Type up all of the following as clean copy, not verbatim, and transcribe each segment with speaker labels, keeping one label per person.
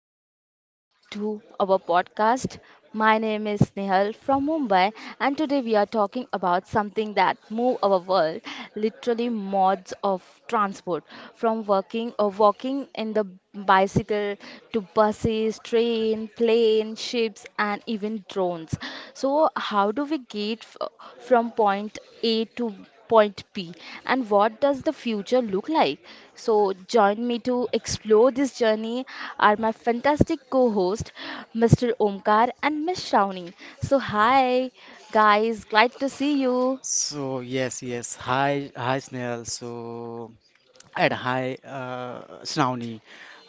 Speaker 1: Welcome back to our podcast. My name is Nehal from Mumbai, and today we are talking about something that move our world, literally modes of transport, from working or walking in the bicycle to buses, train, plane, ships, and even drones. So, how do we get from point A to point P, and what does the future look like? So, join me to explore this journey are my fantastic co host, Mr. Omkar and Miss Shravani. So, hi guys, glad to see you.
Speaker 2: So yes. Hi, Snail. And hi, Shravani.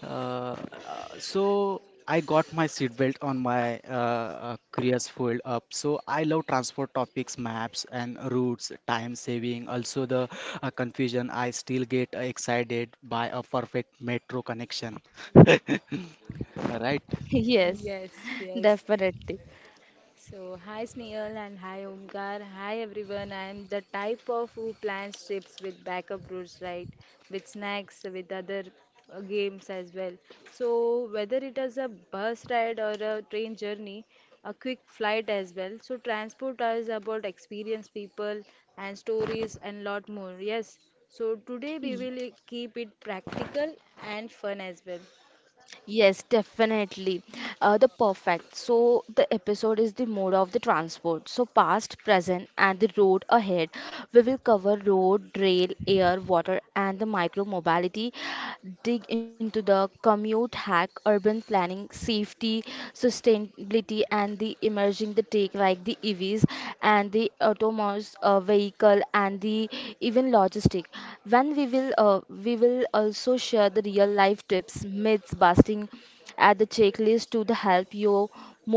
Speaker 2: Uh, so I got my seatbelt on my career's fold up. So I love transport topics, maps and routes, time saving. Also the confusion. I still get excited by a perfect metro connection. Right?
Speaker 1: Yes,
Speaker 3: Yes, yes.
Speaker 1: definitely.
Speaker 3: So, hi Snehal and hi Omkar. Hi everyone. I am the type of who plans trips with backup routes, right? With snacks, with other games as well. So, whether it is a bus ride or a train journey, a quick flight as well. So, transport is about experience, people, and stories, and lot more. Yes. So, today we will keep it practical and fun as well.
Speaker 1: Yes, definitely. The perfect. So the episode is the mode of the transport. So past, present, and the road ahead. We will cover road, rail, air, water, and the micro mobility. Dig into the commute hack, urban planning, safety, sustainability, and the emerging the take like the EVs and the autonomous vehicle and the even logistic when we will also share the real life tips myths busting at the checklist to the help you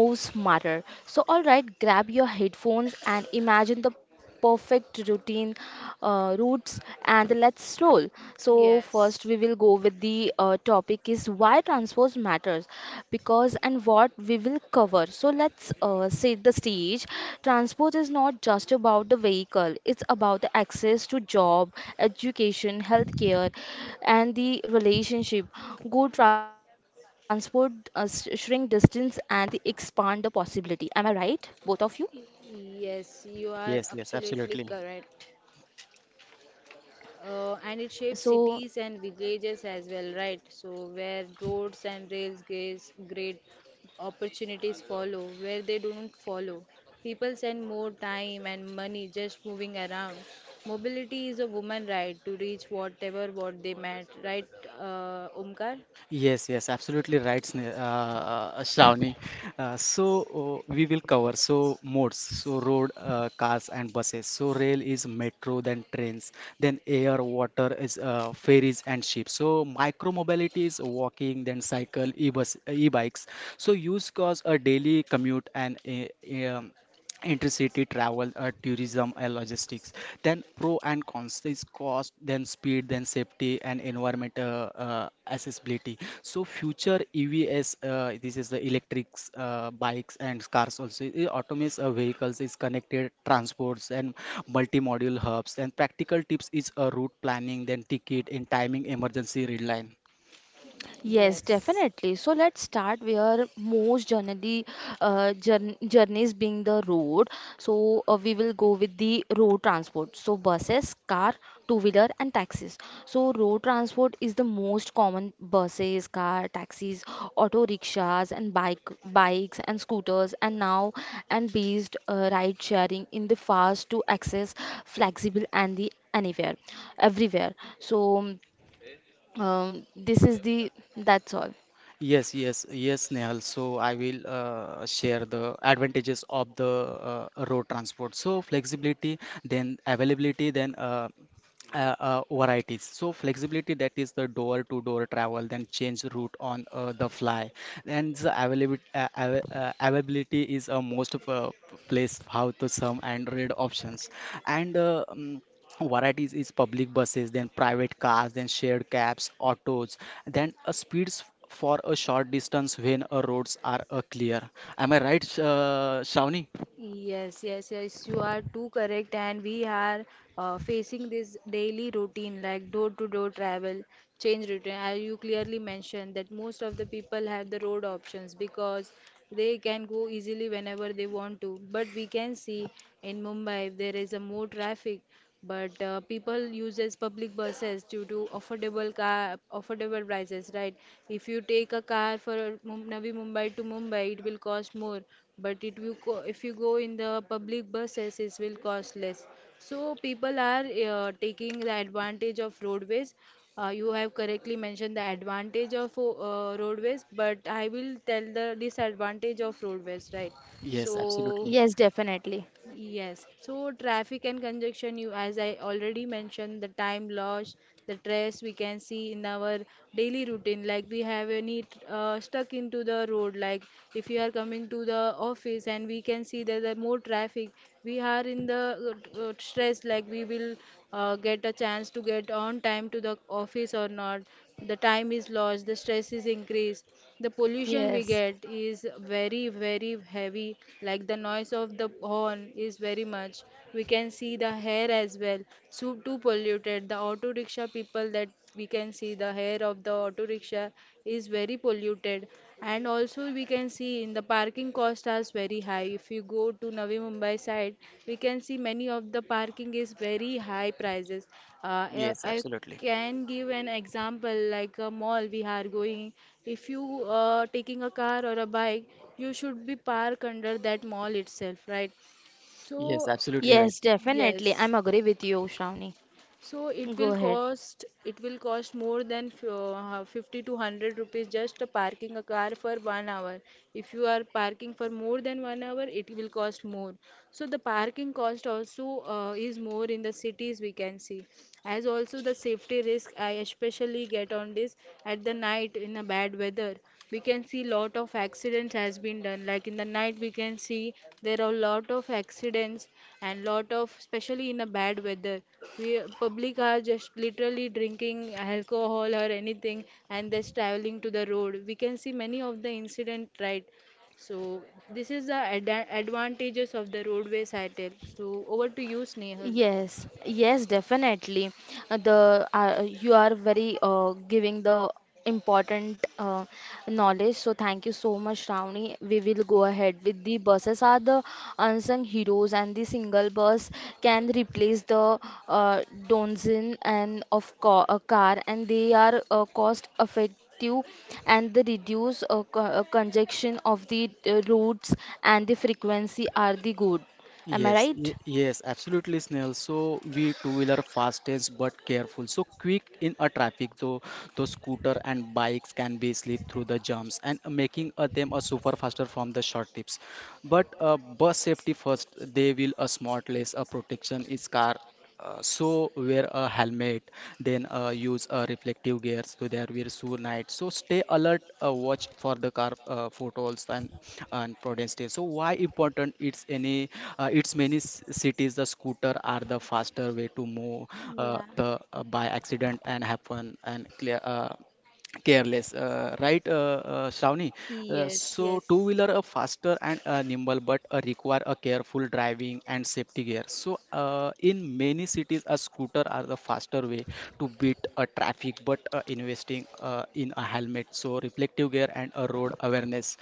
Speaker 1: move smarter. So all right, grab your headphones and imagine the perfect routine routes, and let's roll. So first
Speaker 3: Yes.
Speaker 1: we will go with the topic is why transport matters, because and what we will cover. So let's set the stage. Transport is not just about the vehicle, it's about the access to job, education, healthcare, and the relationship. Good transport shrink distance and the expand the possibility. Am I right, both of you?
Speaker 3: Yes, you are
Speaker 2: Yes, yes,
Speaker 3: absolutely
Speaker 2: absolutely.
Speaker 3: correct. And it shapes
Speaker 1: So
Speaker 3: cities and villages as well, right? So, where roads and rails gives great opportunities follow, where they don't follow. People spend more time and money just moving around. Mobility is a woman right to reach whatever what they meant, right, Omkar?
Speaker 2: Yes, yes, absolutely right, Shravani. We will cover so modes, so road, cars and buses. So rail is metro, then trains, then air, water is ferries and ships. So micro mobility is walking, then cycle, e-bus, e-bikes. So use cause a daily commute and uh, intercity travel, tourism, and logistics. Then pro and cons is cost, then speed, then safety and environmental accessibility. So future EVs, this is the electrics, bikes and cars also. Autonomous vehicles is connected transports and multimodal hubs. And practical tips is a route planning, then ticket and timing emergency red line.
Speaker 1: yes,
Speaker 3: Yes.
Speaker 1: definitely. So let's start where most journeys being the road. So we will go with the road transport. So buses, car, two-wheeler, and taxis. So road transport is the most common buses, car, taxis, auto rickshaws, and bikes and scooters, and now and based ride sharing in the fast to access, flexible, and the anywhere, everywhere. So this is the that's all.
Speaker 2: Yes, yes, yes, Nehal. So I will share the advantages of the road transport. So flexibility, then availability, then varieties. So flexibility that is the door-to-door travel, then change route on the fly. And the availability, av availability is a most of a place how to some and read options. And Varieties is public buses, then private cars, then shared cabs, autos, then speeds for a short distance when roads are clear. Am I right, Shravani?
Speaker 3: Yes, yes, yes, you are too correct, and we are facing this daily routine like door to door travel, change routine. As you clearly mentioned that most of the people have the road options because they can go easily whenever they want to. But we can see in Mumbai there is a more traffic, but people uses public buses due to affordable car affordable prices, right? If you take a car for Navi Mumbai to Mumbai, it will cost more, but it will if you go in the public buses, it will cost less. So people are taking the advantage of roadways. You have correctly mentioned the advantage of roadways, but I will tell the disadvantage of roadways, right?
Speaker 2: Yes,
Speaker 3: So
Speaker 2: absolutely.
Speaker 1: Yes, definitely.
Speaker 3: yes, so traffic and congestion, you as I already mentioned, the time loss, the stress we can see in our daily routine. Like we have any stuck into the road, like if you are coming to the office and we can see that there are more traffic, we are in the stress. Like we will get a chance to get on time to the office or not. The time is lost, the stress is increased. The pollution we
Speaker 1: Yes.
Speaker 3: get is very, very heavy, like the noise of the horn is very much. We can see the hair as well, so too polluted. The auto rickshaw people that we can see the hair of the auto rickshaw is very polluted. And also we can see in the parking cost is very high. If you go to Navi Mumbai side, we can see many of the parking is very high prices. I,
Speaker 2: Yes,
Speaker 3: I
Speaker 2: absolutely.
Speaker 3: can give an example like a mall we are going, if you taking a car or a bike, you should be park under that mall itself, right?
Speaker 2: Yes,
Speaker 3: So
Speaker 2: absolutely right.
Speaker 1: Yes, definitely.
Speaker 3: yes,
Speaker 1: I'm agree with you, Shravani.
Speaker 3: so it will
Speaker 1: Go ahead.
Speaker 3: cost, it will cost more than 50 to 100 rupees just parking a car for 1 hour. If you are parking for more than 1 hour, it will cost more. So the parking cost also is more in the cities we can see. As also the safety risk I especially get on this at the night in a bad weather, we can see lot of accidents has been done. Like in the night we can see there are lot of accidents, and lot of especially in a bad weather, we public are just literally drinking alcohol or anything and they're traveling to the road. We can see many of the incident, right? So this is the advantages of the roadways I tell. So over to you, Snehal.
Speaker 1: Yes, yes, definitely. The you are very giving the important knowledge. So thank you so much, Ravni. We will go ahead with the buses are the unsung heroes, and the single bus can replace the uh, donzin and of co a car, and they are cost effective and the reduce co congestion of the routes and the frequency are the good. Am I
Speaker 2: Yes,
Speaker 1: right?
Speaker 2: yes, absolutely, Snail. So we two-wheeler fastest but careful. So quick in a traffic, though the scooter and bikes can be slip through the jumps and making them a super faster from the short tips but bus safety first. They will a smartless a protection is car, so wear a helmet, then use reflective gears to their wear shoe night. So stay alert, watch for the car, photos and prudence day. So why important? It's any, it's many cities the scooter are the faster way to move,
Speaker 3: Yeah.
Speaker 2: the by accident and happen and clear careless, right Shravani. uh,
Speaker 3: Yes,
Speaker 2: so two
Speaker 3: yes.
Speaker 2: wheeler are faster and nimble but require a careful driving and safety gear. So in many cities a scooter are the faster way to beat a traffic but investing in a helmet, so reflective gear and a road awareness,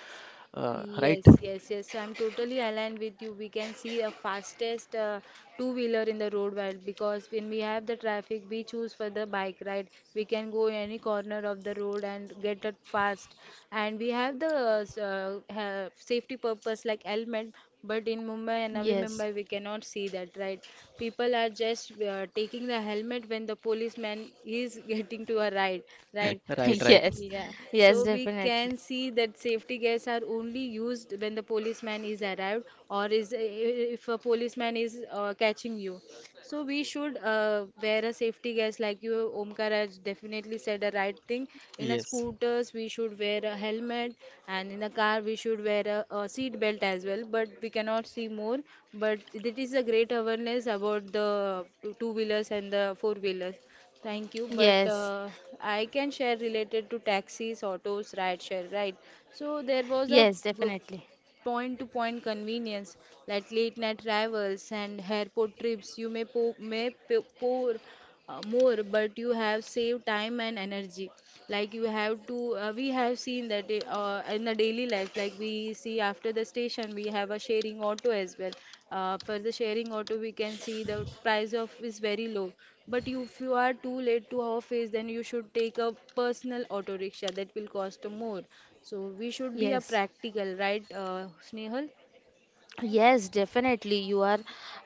Speaker 2: right.
Speaker 3: Yes, yes, yes. So, I'm totally aligned with you. We can see a fastest two-wheeler in the road while because when we have the traffic, we choose for the bike ride. We can go in any corner of the road and get it fast. And we have the safety purpose like helmet, but in Mumbai and Navi
Speaker 1: Yes.
Speaker 3: Mumbai, we cannot see that, right? People are just taking the helmet when the policeman is getting to a ride, right?
Speaker 2: Right, right.
Speaker 1: Yes,
Speaker 3: Yeah.
Speaker 1: yes,
Speaker 3: So we
Speaker 1: definitely.
Speaker 3: can see that safety gears are only used when the policeman is arrived, or is if a policeman is catching you. So we should wear a safety gears like you Omkar has definitely said the right thing. In a
Speaker 2: Yes.
Speaker 3: scooters we should wear a helmet, and in a car we should wear a seat belt as well. But we cannot see more. But it is a great awareness about the two wheelers and the four wheelers. Thank you. But
Speaker 1: Yes,
Speaker 3: I can share related to taxis, autos, ride share, right? So there was a
Speaker 1: yes,
Speaker 3: g-
Speaker 1: definitely.
Speaker 3: point to point convenience like late night travels and airport trips you may, pour more, but you have saved time and energy. Like you have to we have seen that in the daily life, like we see after the station we have a sharing auto as well. For the sharing auto we can see the price of is very low, but you, if you are too late to office, then you should take a personal auto rickshaw that will cost more. So we should be a
Speaker 1: Yes,
Speaker 3: practical, right, Snehal?
Speaker 1: yes, definitely, you are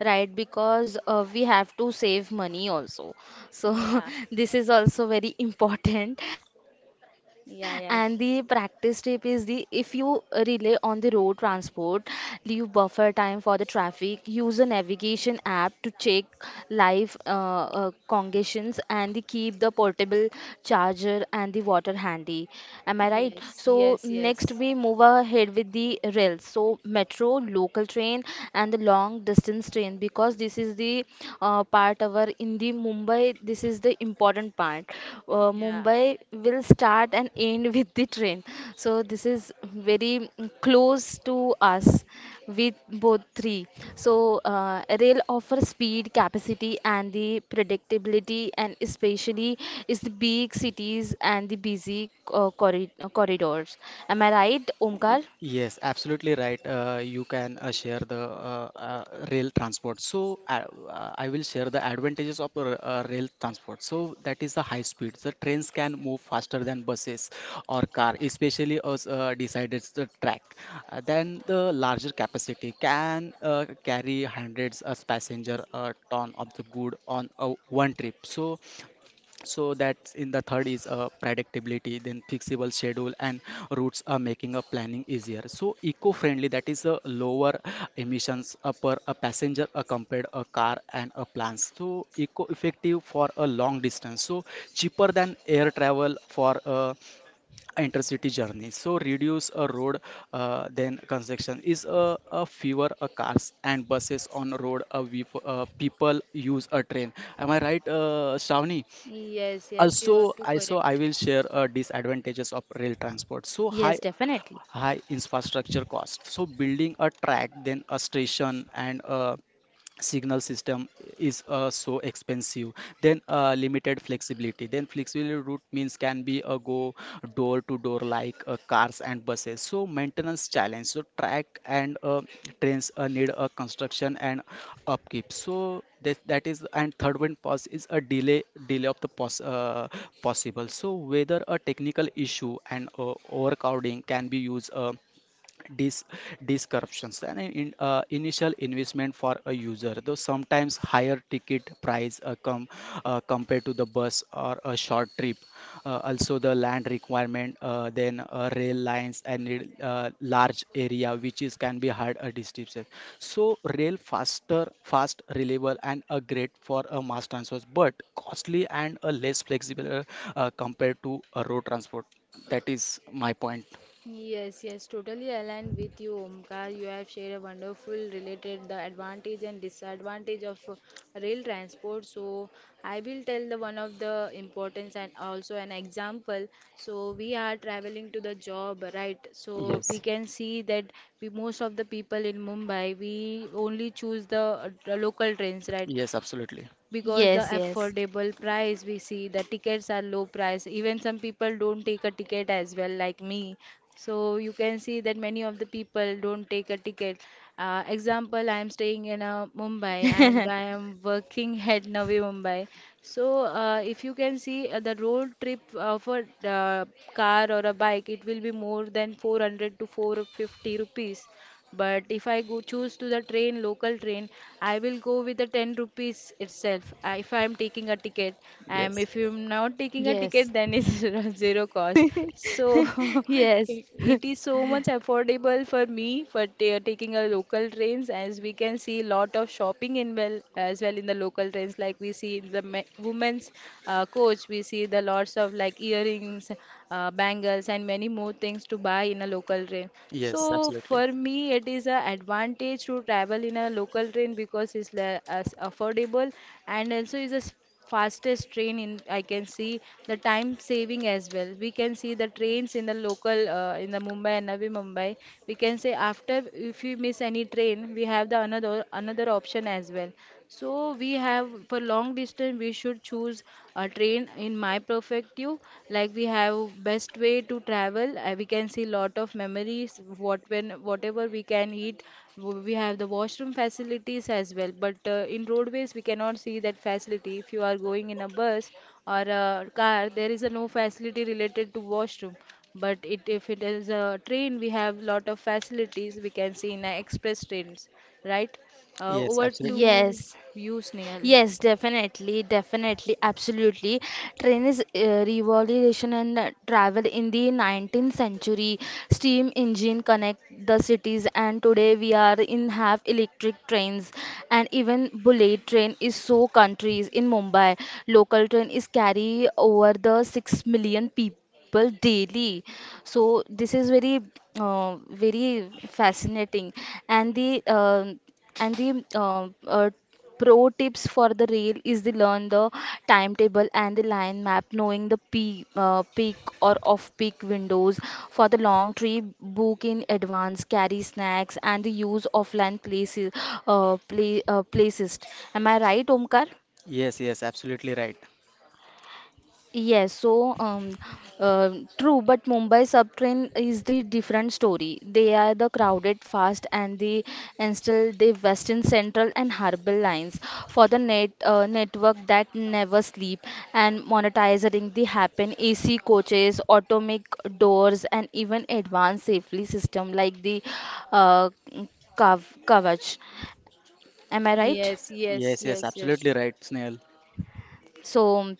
Speaker 1: right, because we have to save money also. So
Speaker 3: Yeah.
Speaker 1: this is also very important. And the
Speaker 3: yeah
Speaker 1: practice
Speaker 3: yeah
Speaker 1: tip is the if you rely on the road transport, leave buffer time for the traffic, use a navigation app to check live congestions, and the keep the portable charger and the water handy. Am I right?
Speaker 3: yes.
Speaker 1: So
Speaker 3: yes
Speaker 1: next
Speaker 3: yes
Speaker 1: we move ahead with the rails. So metro, local train, and the long distance train, because this is the part our in the Mumbai. This is the important part.
Speaker 3: yeah
Speaker 1: Mumbai will start and end with the train, so this is very close to us with both three. So rail offers speed, capacity, and the predictability, and especially is the big cities and the busy corridors. Am I right, Omkar?
Speaker 2: Yes, absolutely right. You can share the rail transport. So I will share the advantages of rail transport. So that is the high speed. The trains can move faster than buses or car, especially as decided the track. Then the larger capacity can carry hundreds of passenger, ton of the good on a one trip. So that's in the third is predictability, then fixable schedule and routes are making a planning easier. So eco-friendly, that is a lower emissions per a passenger compared a car and a plan. So eco-effective for a long distance, so cheaper than air travel for intercity journey. So reduce a road, then construction is a fewer cars and buses on road, people use a train. Am I right, Shravani?
Speaker 3: Yes, yes, you
Speaker 2: Also
Speaker 3: are too
Speaker 2: I, so I
Speaker 3: correct.
Speaker 2: will share disadvantages of rail transport. So
Speaker 1: Yes,
Speaker 2: high,
Speaker 1: definitely.
Speaker 2: high infrastructure cost. So building a track, then a station and a signal system is, so expensive. Then limited flexibility. Then flexible route means can be a go door to door like cars and buses. So maintenance challenge, so the track and trains need a construction and upkeep. So that is. And third one pause is a delay, possible. So whether a technical issue and overcrowding can be used dis dis corruptions, and initial investment for a user, though sometimes higher ticket price come compared to the bus or a short trip. Also, the land requirement, then rail lines and need, large area, which is can be hard a distribution. So, rail faster, fast, reliable, and a great for a mass transport, but costly and a less flexible compared to a road transport. That is my point.
Speaker 3: Yes, yes, totally aligned with you, Omkar. You have shared a wonderful related the advantage and disadvantage of rail transport. So I will tell the one of the importance and also an example. So we are traveling to the job, right? So we
Speaker 2: Yes.
Speaker 3: can see that we most of the people in Mumbai we only choose the local trains, right?
Speaker 2: Yes, absolutely.
Speaker 3: Because the
Speaker 1: Yes, yes.
Speaker 3: affordable price we see the tickets are low price, even some people don't take a ticket as well like me. So you can see that many of the people don't take a ticket. Uh, example, I am staying in Mumbai and I am working at Navi Mumbai. So if you can see the road trip of a uh, car or a bike, it will be more than 400 to 450 rupees. But if I go choose to the train, local train, I will go with the 10 rupees itself. If I am taking a ticket, and
Speaker 2: Yes.
Speaker 3: if I'm not taking a
Speaker 1: Yes.
Speaker 3: ticket, then it's zero cost. So
Speaker 1: Yes.
Speaker 3: it it is so much affordable for me for taking a local trains, as we can see lot of shopping in well as well in the local trains. Like we see in the women's coach, we see the lots of like earrings, bangles, and many more things to buy in a local train.
Speaker 2: Yes,
Speaker 3: So
Speaker 2: absolutely.
Speaker 3: for me, it is an advantage to travel in a local train because it's as affordable, and also is a fastest train in I can see. The time saving as well. We can see the trains in the local in the Mumbai and Navi Mumbai. We can say after if we miss any train, we have the another option as well. So we have for long distance we should choose a train in my perspective, like we have best way to travel. Uh, we can see lot of memories what when whatever we can eat. We have the washroom facilities as well, but in roadways we cannot see that facility. If you are going in a bus or a car, there is a no facility related to washroom, but it if it is a train we have lot of facilities we can see in a express trains, right? Uh,
Speaker 2: Yes,
Speaker 3: over
Speaker 2: absolutely.
Speaker 3: to
Speaker 1: Yes,
Speaker 3: you, Snehal.
Speaker 1: yes, definitely, absolutely. Train is revolution and travel in the 19th century. Steam engine connect the cities, and today we are in half electric trains, and even bullet train is so countries in Mumbai. Local train is carry over the 6 million people daily. So this is very very fascinating. And the pro tips for the rail is the learn the timetable and the line map, knowing the peak or off peak windows. For the long trip, book in advance, carry snacks, and the use offline places. Am I right, Omkar?
Speaker 2: Yes, yes, absolutely right.
Speaker 1: Yes, so uh, true, but Mumbai subtrain is the different story. They are the crowded, fast, and the and still the Western Central and Harbour lines for the network that never sleep, and monetizing the happen AC coaches, automatic doors, and even advanced safety system like the uh, Kav Kavach. Am I right?
Speaker 3: Yes, yes,
Speaker 2: Yes, yes,
Speaker 3: yes,
Speaker 2: absolutely
Speaker 3: yes.
Speaker 2: right, Snail.
Speaker 1: So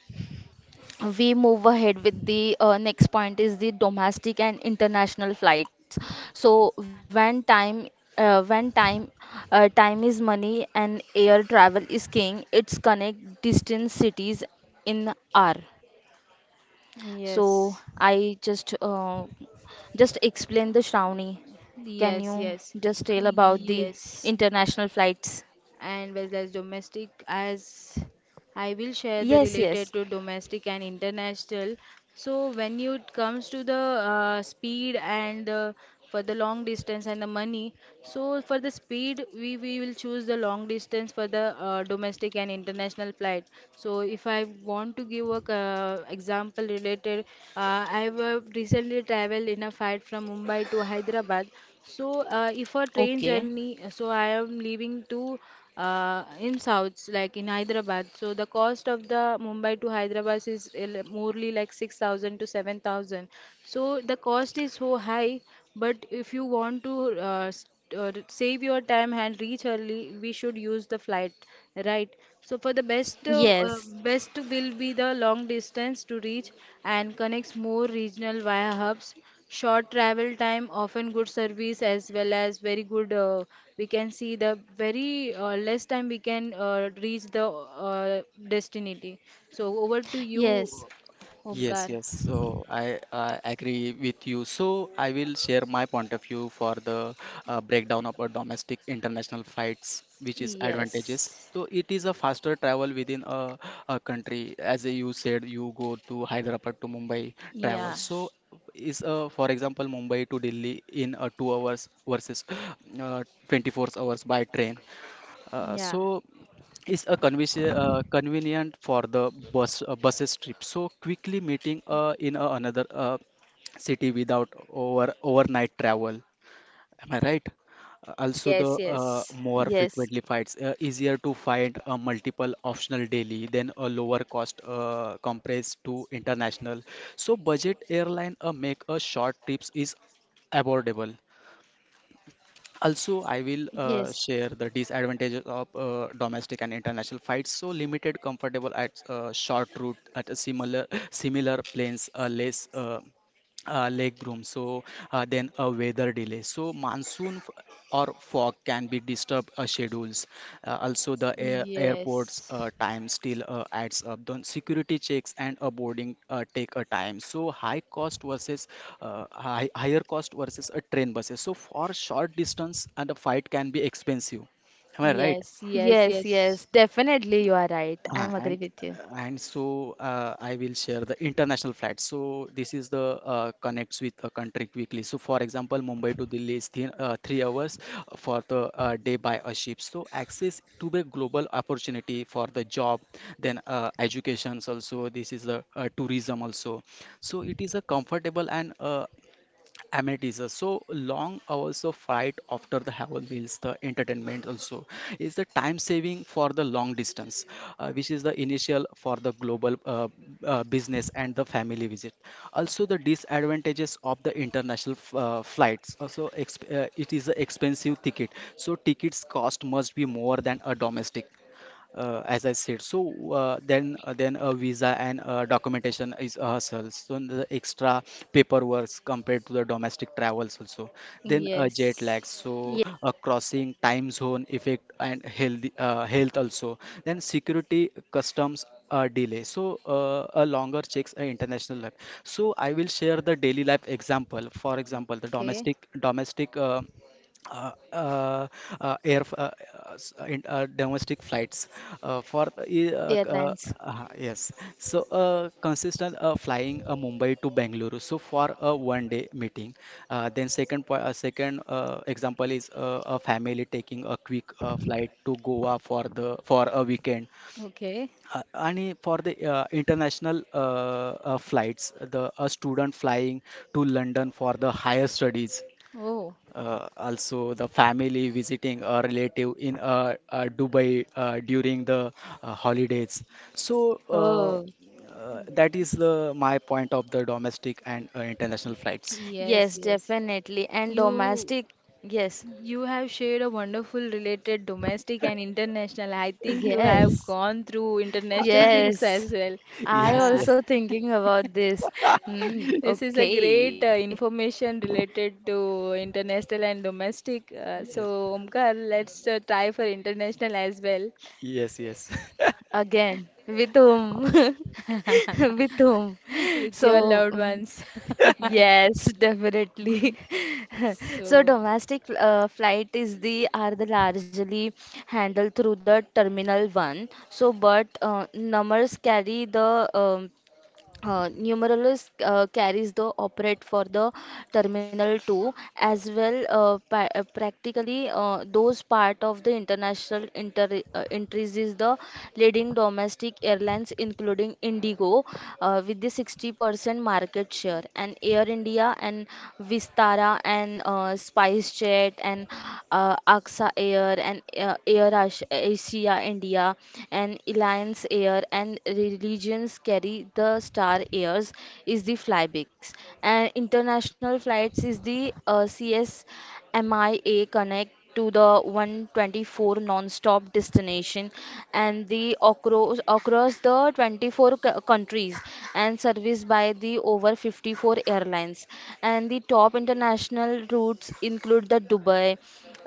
Speaker 1: we move ahead with the next point is the domestic and international flights. So when time time is money and air travel is king. It's connect distant cities in r. So
Speaker 3: Yes.
Speaker 1: I just explain the Shravani, can you
Speaker 3: Yes, yes,
Speaker 1: just tell about the
Speaker 3: yes.
Speaker 1: international flights?
Speaker 3: And whether as domestic as I will share the
Speaker 1: Yes, yes.
Speaker 3: related to domestic and international. So when it comes to the speed and for the long distance and the money, so for the speed we will choose the long distance for the domestic and international flight. So if I want to give a example related, I have recently traveled in a flight from Mumbai to Hyderabad. So if a train
Speaker 1: Okay.
Speaker 3: journey, so I am leaving to in souths like in Hyderabad. So the cost of the Mumbai to Hyderabad is morely like 6,000 to 7,000. So the cost is so high, but if you want to save your time and reach early, we should use the flight, right? So for the best
Speaker 1: Yes,
Speaker 3: best will be the long distance to reach, and connects more regional via hubs. Short travel time, often good service as well, as very good we can see the very less time we can reach the destiny. So over to you,
Speaker 1: yes,
Speaker 2: Yes,
Speaker 3: Omkar.
Speaker 2: yes. So I agree with you. So I will share my point of view for the breakdown of a domestic international flights, which is advantages.
Speaker 3: Yes.
Speaker 2: So it is a faster travel within a country. As you said, you go to Hyderabad to Mumbai travel.
Speaker 3: Yeah,
Speaker 2: So is, for example Mumbai to Delhi in 2 hours versus uh, 24 hours by train. Uh,
Speaker 3: yeah.
Speaker 2: so it's a convenience, convenient for the bus, buses trip. So quickly meeting in a another city without over overnight travel. Am I right? Also, the
Speaker 3: Yes, yes.
Speaker 2: more
Speaker 1: yes,
Speaker 2: frequently fights, easier to find a multiple optional daily than a lower cost compressed to international. So budget airline make a short trips is affordable. Also, I will
Speaker 1: yes.
Speaker 2: share the disadvantages of domestic and international flights. So limited, comfortable at short route at a similar planes, less leg room. So then a weather delay. So monsoon or fog can be disturbed schedules. Also, the air, airport's
Speaker 3: Yes,
Speaker 2: time still adds up. Then security checks and boarding take a time. So high cost versus, higher cost versus a train buses. So for short distance, and the flight can be expensive. Am I right?
Speaker 3: yes, yes,
Speaker 1: Yes,
Speaker 3: yes,
Speaker 1: yes, definitely you are right. I'm agree with you.
Speaker 2: And so I will share the international flight. So this is the connects with a country quickly. So for example, Mumbai to Delhi is thin, 3 hours for the day by a ship. So access to the global opportunity for the job, then educations also. This is the tourism also. So it is a comfortable and amenities are so long hours of flight after the have meals the entertainment also is the time saving for the long distance, which is the initial for the global business and the family visit. Also the disadvantages of the international flights also, it is an expensive ticket. So tickets cost must be more than a domestic, as I said. So then a visa and documentation is a hustle. So the extra paperwork compared to the domestic travels also. Then jet
Speaker 3: yes.
Speaker 2: lag. So
Speaker 1: Yes,
Speaker 2: crossing time zone effect and health, health also. Then security customs. Delay, so a longer checks international life. So I will share the daily life example. For example the
Speaker 3: Okay,
Speaker 2: domestic, uh, uh, air f- s- in, domestic flights, uh, for uh, e- uh, c- uh,
Speaker 1: airlines.
Speaker 2: yes. So consistent flying, Mumbai to Bangalore, so for a 1 day meeting. Then second example is a family taking a quick flight to Goa for the for a weekend.
Speaker 3: okay.
Speaker 2: आणि for the international flights the a student flying to London for the higher studies.
Speaker 3: Oh.
Speaker 2: Also, the family visiting a relative in Dubai during the holidays. So uh,
Speaker 1: Oh,
Speaker 2: uh, that is the my point of the domestic and international flights.
Speaker 3: Yes,
Speaker 1: yes,
Speaker 3: yes,
Speaker 1: definitely. And
Speaker 3: you.
Speaker 1: domestic, yes,
Speaker 3: You have shared a wonderful related domestic and international. I think you have
Speaker 1: yes,
Speaker 3: gone through international trips
Speaker 1: yes.
Speaker 3: as well.
Speaker 1: I
Speaker 2: Yes,
Speaker 3: Uh,
Speaker 2: yes,
Speaker 1: also thinking about this. Hmm,
Speaker 3: this is a
Speaker 1: okay.
Speaker 3: great information related to international and domestic. So,
Speaker 2: yes.
Speaker 3: Omkar, let's try for international as well
Speaker 2: Yes, yes.
Speaker 1: Again, with whom? With whom?
Speaker 3: with your
Speaker 1: So
Speaker 3: loved ones.
Speaker 1: yes, definitely. So
Speaker 3: So.
Speaker 1: domestic flight is the are the largely handled through the terminal one. So, but numbers carry the Numerolus carries the operate for the Terminal 2 as well practically those part of the international inter entries is the leading domestic airlines, including Indigo with the 60% market share, and Air India and Vistara and SpiceJet and AXA Air and Air Asia India and Alliance Air and Religions carry the Star Airs is the Flybix. And international flights is the CSMIA Connect to the 124 non-stop destination and the across the 24 countries and serviced by the over 54 airlines, and the top international routes include the Dubai,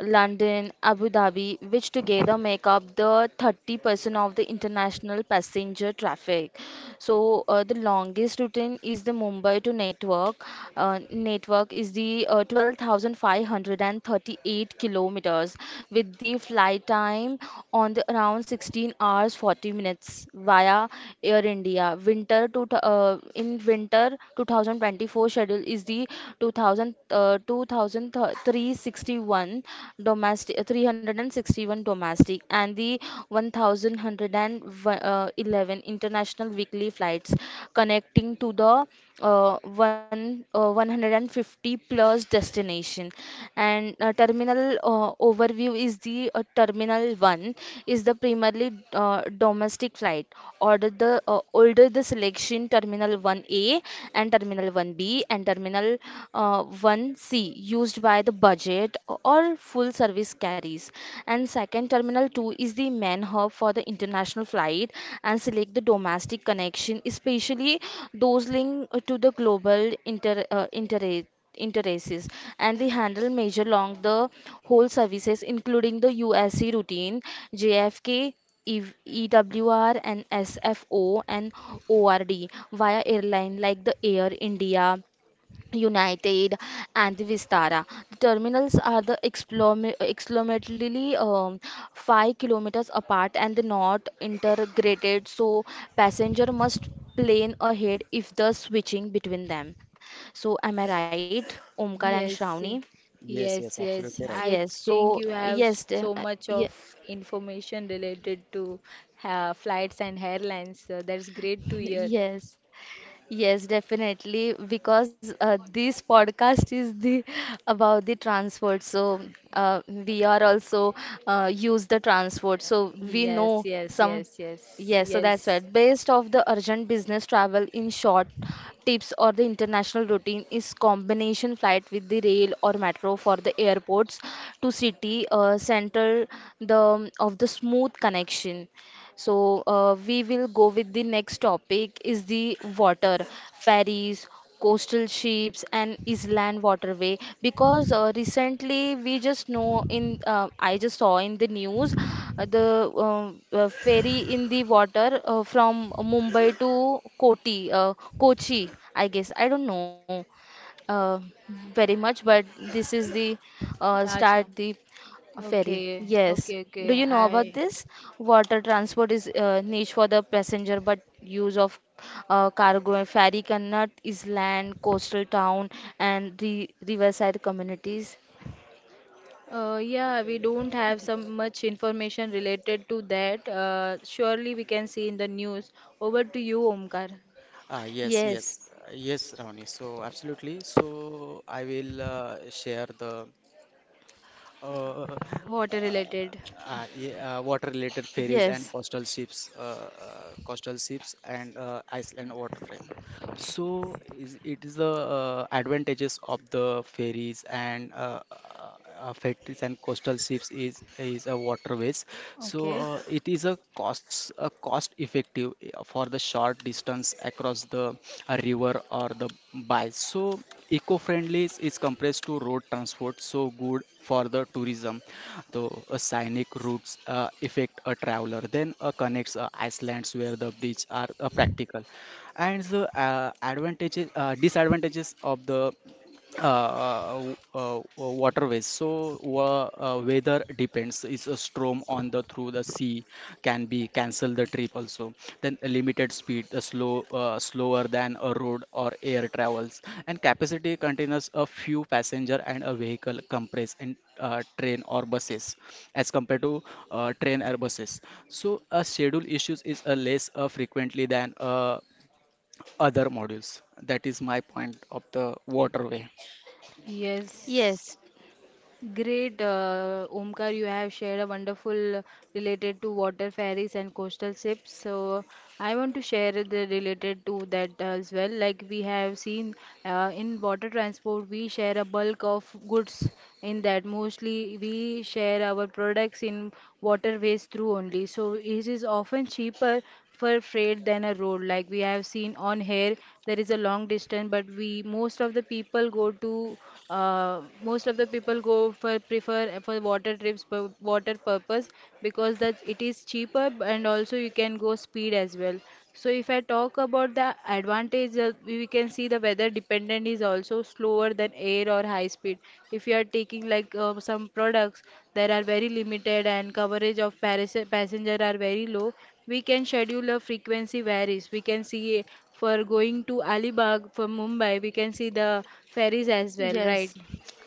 Speaker 1: London, Abu Dhabi, which together make up the 30% of the international passenger traffic. So the longest routine is the Mumbai to network. Network is the 12,538 kilometers, with the flight time on the around 16 hours 40 minutes via Air India. Winter to in winter 2024 schedule is the 2000 uh, 2361 domestic 361 domestic and the approximately 1,111 international weekly flights, connecting to the 150 plus destination. And terminal overview is the terminal one is the primarily domestic flight. Order the older the selection terminal one A and terminal one B and terminal one C, used by the budget private or full service carries. And second terminal 2 is the main hub for the international flight and select the domestic connection, especially those linked to the global interests. And they handle major along the whole services, including the USC routine JFK, E- EWR and SFO and ORD via airline like the Air India, United, and the Vistara. The terminals are the approximately 5 kilometers apart, and they're not integrated, so passenger must plan ahead if the switching between them. So am I right, Omkar and
Speaker 3: Yes,
Speaker 1: Shravani?
Speaker 3: ye-
Speaker 2: Yes, yes,
Speaker 3: yes,
Speaker 2: absolutely
Speaker 3: yes.
Speaker 2: right.
Speaker 3: I
Speaker 1: Yes.
Speaker 3: think
Speaker 1: So
Speaker 3: you have
Speaker 1: yes, the-
Speaker 3: so
Speaker 1: uh,
Speaker 3: much
Speaker 1: ye-
Speaker 3: of information related to flights and airlines. That's great to hear.
Speaker 1: Yes. Yes, definitely, because this podcast is the about the transport. So we are also use the transport. So we know
Speaker 3: Yes, yes,
Speaker 1: some.
Speaker 3: yes, yes,
Speaker 1: Yes, so that's right.
Speaker 3: yes.
Speaker 1: Based of the urgent business travel in short tips or the international routine is combination flight with the rail or metro for the airports to city central the of the smooth connection. So we will go with the next topic is the water, ferries, coastal ships, and island waterway, because recently we just know in I just saw in the news the ferry in the water from Mumbai to Kochi, I guess. I don't know uh, very much, but this is the
Speaker 3: Acha.
Speaker 1: start the ferry.
Speaker 3: Okay, okay,
Speaker 1: Yes.
Speaker 3: okay.
Speaker 1: Do you know about this? Water transport is niche for the passenger, but use of cargo and ferry cannot is land, coastal town, and re riverside communities.
Speaker 3: Yeah, we don't have so much information related to that. Surely we can see in the news. Over to you, Omkar.
Speaker 2: Ah, yes, yes,
Speaker 1: Yes.
Speaker 2: Yes, Ravani. So, absolutely. So, I will share the uh, uh,
Speaker 3: Water related.
Speaker 2: yeah, water-related ferries and
Speaker 1: Yes.
Speaker 2: coastal ships and Iceland waterfront. It is the advantages of the ferries and ferries and coastal ships is a waterways. So
Speaker 3: Okay.
Speaker 2: it is a cost effective for the short distance across the river or the bay. So eco-friendly is compressed to road transport, so good for the tourism though a scenic routes affect a traveler, then connects islands where the bridge are practical. And the advantages disadvantages of the waterways. So weather depends. Is a storm on the through the sea can be cancel the trip also. Then a limited speed, the slower than a road or air travels. And capacity contains a few passenger and a vehicle compress and train or buses as compared to train or buses. So a schedule issues is a less frequently than other modules. That is my point of the waterway.
Speaker 3: Yes.
Speaker 1: Yes.
Speaker 3: Great, Omkar, you have shared a wonderful related to water ferries and coastal ships. So I want to share the related to that as well. Like we have seen in water transport, we share a bulk of goods in that. Mostly we share our products in waterways through only. So it is often cheaper for freight than a road, like we have seen on here, there is a long distance, but we most of the people go to, most of the people go for prefer for water trips for water purpose, because that it is cheaper and also you can go speed as well. So if I talk about the advantage, we can see the weather dependent is also slower than air or high speed. If you are taking like some products, there are very limited and coverage of passenger are very low. We can schedule a frequency varies. We can see, for going to Alibag from Mumbai, we can see the ferries as well, right?
Speaker 1: Yes.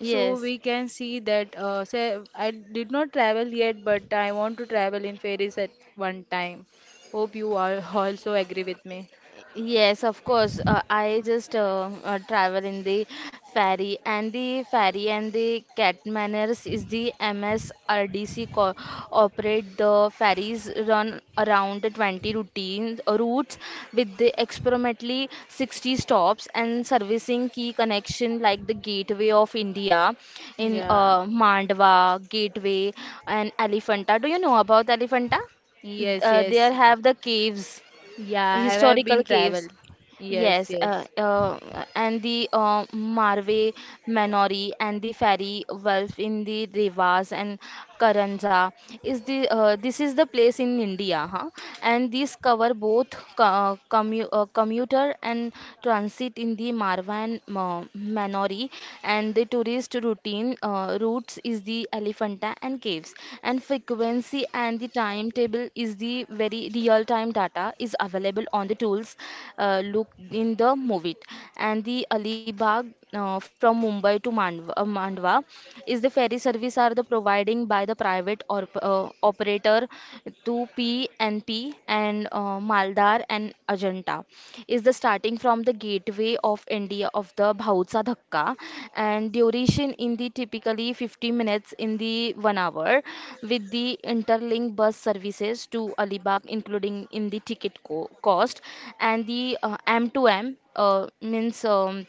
Speaker 3: So we can see that. Say, I did not travel yet, but I want to travel in ferries at one time. Hope you all also agree with me.
Speaker 1: Yes, of course. I just travel in the ferry. And the ferry and the Catmaners is the MSRDC co operate the ferries run around the 20 routines routes with the approximately 60 stops, and servicing key connection like the Gateway of India in
Speaker 3: Yeah.
Speaker 1: Mandwa, Gateway, and Elephanta. Do you know about Elephanta?
Speaker 3: Yes.
Speaker 1: There
Speaker 3: Yes.
Speaker 1: have the caves,
Speaker 3: Yeah. I have
Speaker 1: historical
Speaker 3: been
Speaker 1: caves.
Speaker 3: traveled. Yes.
Speaker 1: Yes,
Speaker 3: Yes.
Speaker 1: and the Marve Manori and the Ferry Wolf in the Revas and Karanja is the this is the place in India, huh? And these cover both commuter and transit in the Marvan Manori and the tourist routine. Routes is the Elephanta and caves, and frequency and the timetable is the very real-time data is available on the tools. Look in the movie, and the Alibag from Mumbai to Mandwa, Mandwa is the ferry service are the providing by the private or operator to PNP P and Maldar and Ajanta is the starting from the gateway of India of the Bhautsa Dhakka and duration in the typically 50 minutes in the 1 hour with the interlink bus services to Alibag including in the ticket cost and the m to m uh, means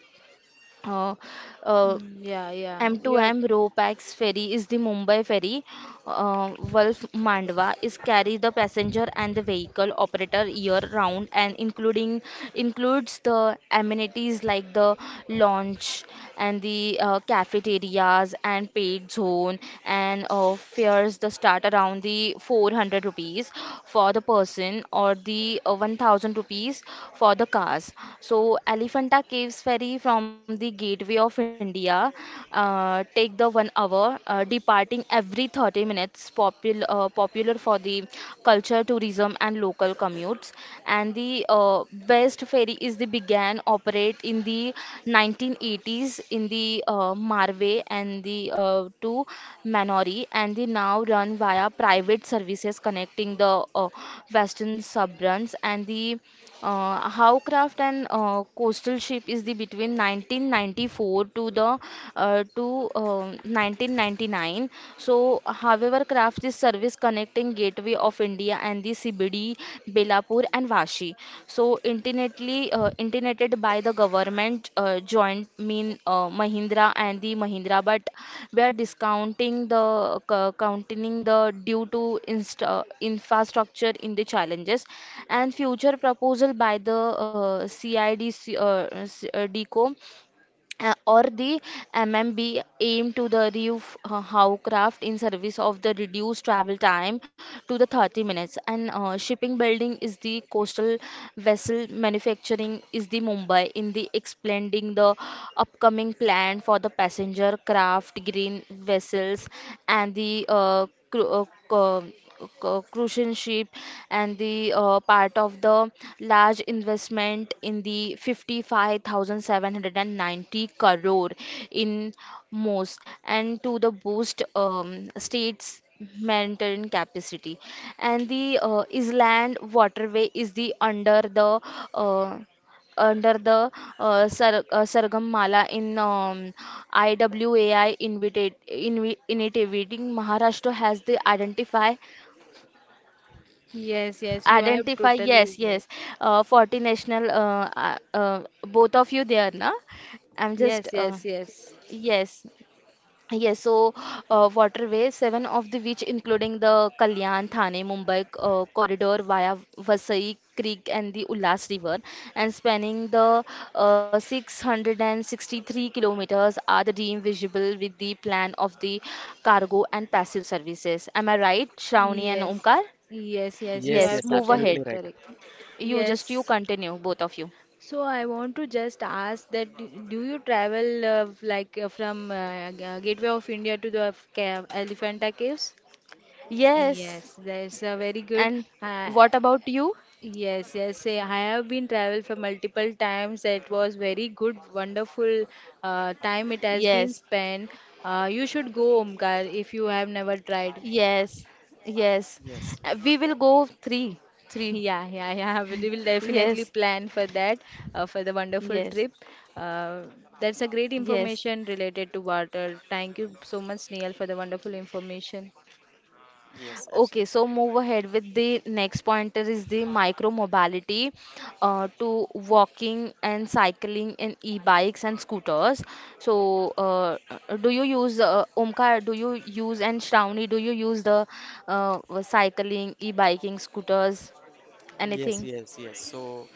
Speaker 1: uh, uh,
Speaker 3: Mm, yeah. Yeah. You are.
Speaker 1: M2M RoPax ferry is the Mumbai ferry. Wolf Mandwa is carry the passenger and the vehicle operator year round and including includes the amenities like the lounge and the cafeterias and paid zone and person fares the start around the 400 rupees for the person or the 1,000 rupees for the cars. So Elephanta Caves ferry from the gateway of India take the 1 hour departing every 30 minutes popular for the culture tourism and local commutes, and the best ferry is the began operate in the 1980s in the Marway and the to Manori, and they now run via private services connecting the western suburbs and the Howcraft and coastal ship is the between 1994 to 1999. So, however, craft is service connecting gateway of India and the CBD, Belapur and Vashi. So, internetly internetted by the government joint mean Mahindra and the Mahindra, but we are discounting the counting the due to infrastructure in the challenges and future proposal by the CIDC DCO or the MMB aim to the reduce how craft in service of the reduced travel time to the 30 minutes, and shipping building is the coastal vessel manufacturing is the Mumbai in the explaining the upcoming plan for the passenger craft green vessels and the crucian ship and the part of the large investment in the 55,790 crore in most and to the boost states maintain capacity, and the island waterway is the uh, under the Sargamala in IWAI initiating Maharashtra has the identify.
Speaker 3: Yes. Yes. You have
Speaker 1: Identify,
Speaker 3: totally
Speaker 1: yes, yes.
Speaker 3: correct.
Speaker 1: 40 national, both of you there, na? I'm just,
Speaker 3: Yes. Yes. Yes.
Speaker 1: yes. Yes, so waterways, seven of the which including the Kalyan, Thane, Mumbai corridor via Vasai Creek and the Ullas River and spanning the 663 kilometers are the deemed visible with the plan of the cargo and passive services. Am I right, Shravani and
Speaker 3: Yes,
Speaker 1: Omkar?
Speaker 3: yes, yes, you
Speaker 2: Yes,
Speaker 3: are
Speaker 1: Yes,
Speaker 2: yes,
Speaker 1: move
Speaker 3: totally
Speaker 1: ahead.
Speaker 2: absolutely right.
Speaker 3: correct.
Speaker 1: You just you
Speaker 3: Yes.
Speaker 1: continue, both of you.
Speaker 3: So I want to just ask that, do you travel like from Gateway of India to the Elephanta Caves?
Speaker 1: Yes.
Speaker 3: Yes, that's a very good.
Speaker 1: And
Speaker 3: Uh,
Speaker 1: what about you?
Speaker 3: yes, yes. Say, I have been traveled for multiple times. It was very good, wonderful time it has been
Speaker 1: Yes,
Speaker 3: spent. You should go, Omkar, if you have never tried.
Speaker 1: yes, yes.
Speaker 2: Yes,
Speaker 1: We will go three, three.
Speaker 3: Yeah, yeah, yeah. We will definitely
Speaker 1: Yes.
Speaker 3: plan for that, for the wonderful
Speaker 1: Yes,
Speaker 3: trip. Uh, that's a great
Speaker 1: yes.
Speaker 3: information related to water. Thank you so much, Neil, for the wonderful information.
Speaker 2: yes,
Speaker 1: Okay,
Speaker 2: absolutely.
Speaker 1: so move ahead with the next pointer is the micro mobility to walking and cycling in e-bikes and scooters. So, do you use, Omkar? Do you use, and Shravani, do you use the cycling, e-biking, scooters,
Speaker 2: Yes,
Speaker 1: anything?
Speaker 2: yes, yes. So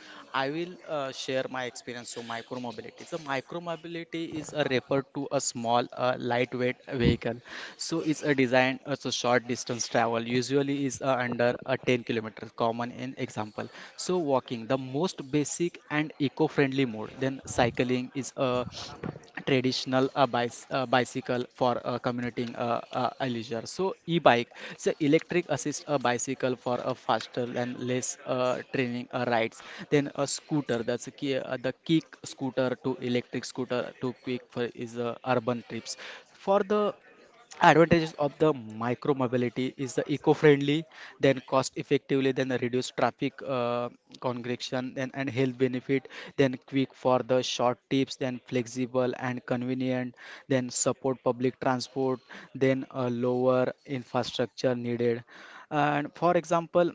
Speaker 2: I will share my experience. So micromobility. So micromobility is a referred to a small, lightweight vehicle. So it's a design as a short distance travel usually is under a 10 kilometers common in example. So walking the most basic and eco-friendly mode. Then cycling is a traditional bicycle for commuting a leisure. So e-bike, so electric assist a bicycle for a faster and less training rides. Then a scooter that's a the kick scooter to electric scooter to quick for is urban trips. For the advantages of the micro mobility is the eco-friendly, then cost effectively, then the reduced traffic congregation, then and health benefit, then quick for the short tips, then flexible and convenient, then support public transport, then a lower infrastructure needed. And for example,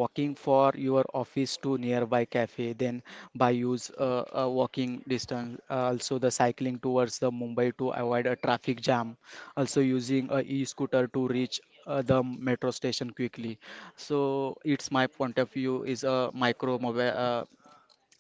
Speaker 2: walking for your office to nearby cafe, then by use a walking distance also the cycling towards the mumbai to avoid a traffic jam, also using a e-scooter to reach the metro station quickly. So it's my point of view is a micro mobi- uh,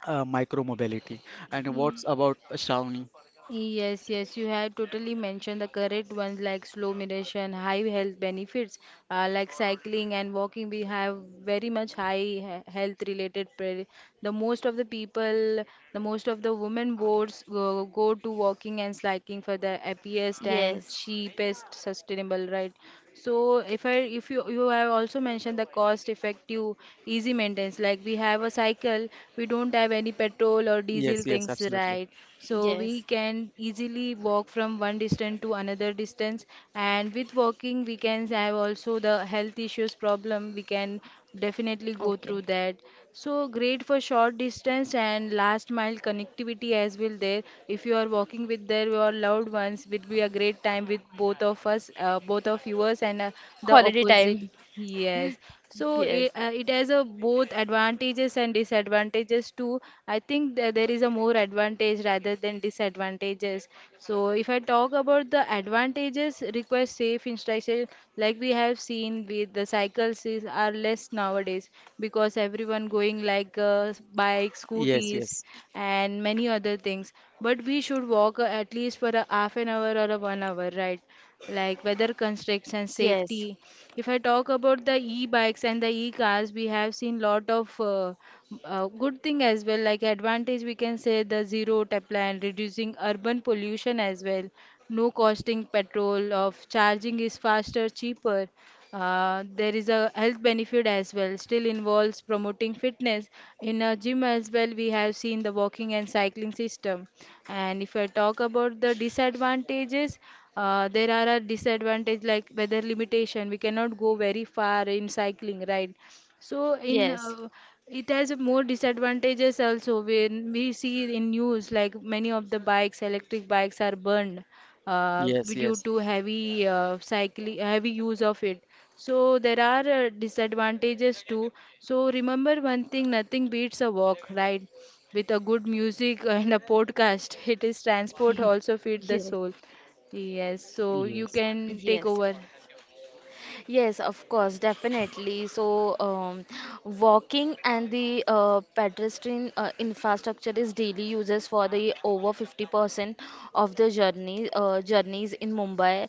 Speaker 2: uh, micro mobility. And
Speaker 3: Mm.
Speaker 2: what's about Shravani?
Speaker 3: Yes, yes, you have totally mentioned the correct ones like slow moderation, high health benefits, like cycling and walking. We have very much high health related. The most of the people, the most of the women boards go, go to walking and cycling for the happiest and
Speaker 1: Yes,
Speaker 3: cheapest sustainable, right? So if I, if you have also mentioned the cost effective, easy maintenance, like we have a cycle, we don't have any petrol or
Speaker 2: Yes,
Speaker 3: diesel
Speaker 2: yes,
Speaker 3: things,
Speaker 2: absolutely.
Speaker 3: right? So
Speaker 1: yes.
Speaker 3: we can easily walk from one distance to another distance, and with walking we can have also the health issues problem, we can definitely go
Speaker 1: Okay,
Speaker 3: through that. So great for short distance and last mile connectivity as well. There, if you are walking with their your loved ones, will be a great time with both of us, both of yours and the
Speaker 1: holiday
Speaker 3: opposite.
Speaker 1: time.
Speaker 3: Yes, so
Speaker 1: Yes.
Speaker 3: it has a both advantages and disadvantages too. I think that there is a more advantage rather than disadvantages. So if I talk about the advantages, teenagers request safe instruction, like we have seen with the cycles is, are less nowadays, because everyone going like bikes,
Speaker 2: Yes,
Speaker 3: scooters,
Speaker 2: yes,
Speaker 3: and many other things. But we should walk at least for a half an hour or a one hour, right? Like weather constraints and
Speaker 1: Yes,
Speaker 3: safety. If I talk about the e-bikes and the e-cars, we have seen lot of good thing as well. Like advantage, we can say the zero tap, reducing urban pollution as well, no costing petrol of charging is faster cheaper. Uh, there is a health benefit as well, still involves promoting fitness. In a gym as well we have seen the walking and cycling system. And if I talk about the disadvantages, there are a disadvantage, like weather limitation, we cannot go very far in cycling, right? so in
Speaker 1: yes,
Speaker 3: It has more disadvantages also when we see in news, like many of the bikes, electric bikes are burned
Speaker 2: yes,
Speaker 3: due
Speaker 2: yes,
Speaker 3: to heavy cycling, heavy use of it. So there are disadvantages too. So remember one thing, nothing beats a walk, right? With a good music and a podcast, it is transport also feed the
Speaker 1: yes,
Speaker 3: soul. Yes, so you
Speaker 2: yes,
Speaker 3: can take
Speaker 1: yes.
Speaker 3: over.
Speaker 1: Yes, of course, definitely. So, walking and the pedestrian infrastructure is daily uses for the over 50% of the journeys in Mumbai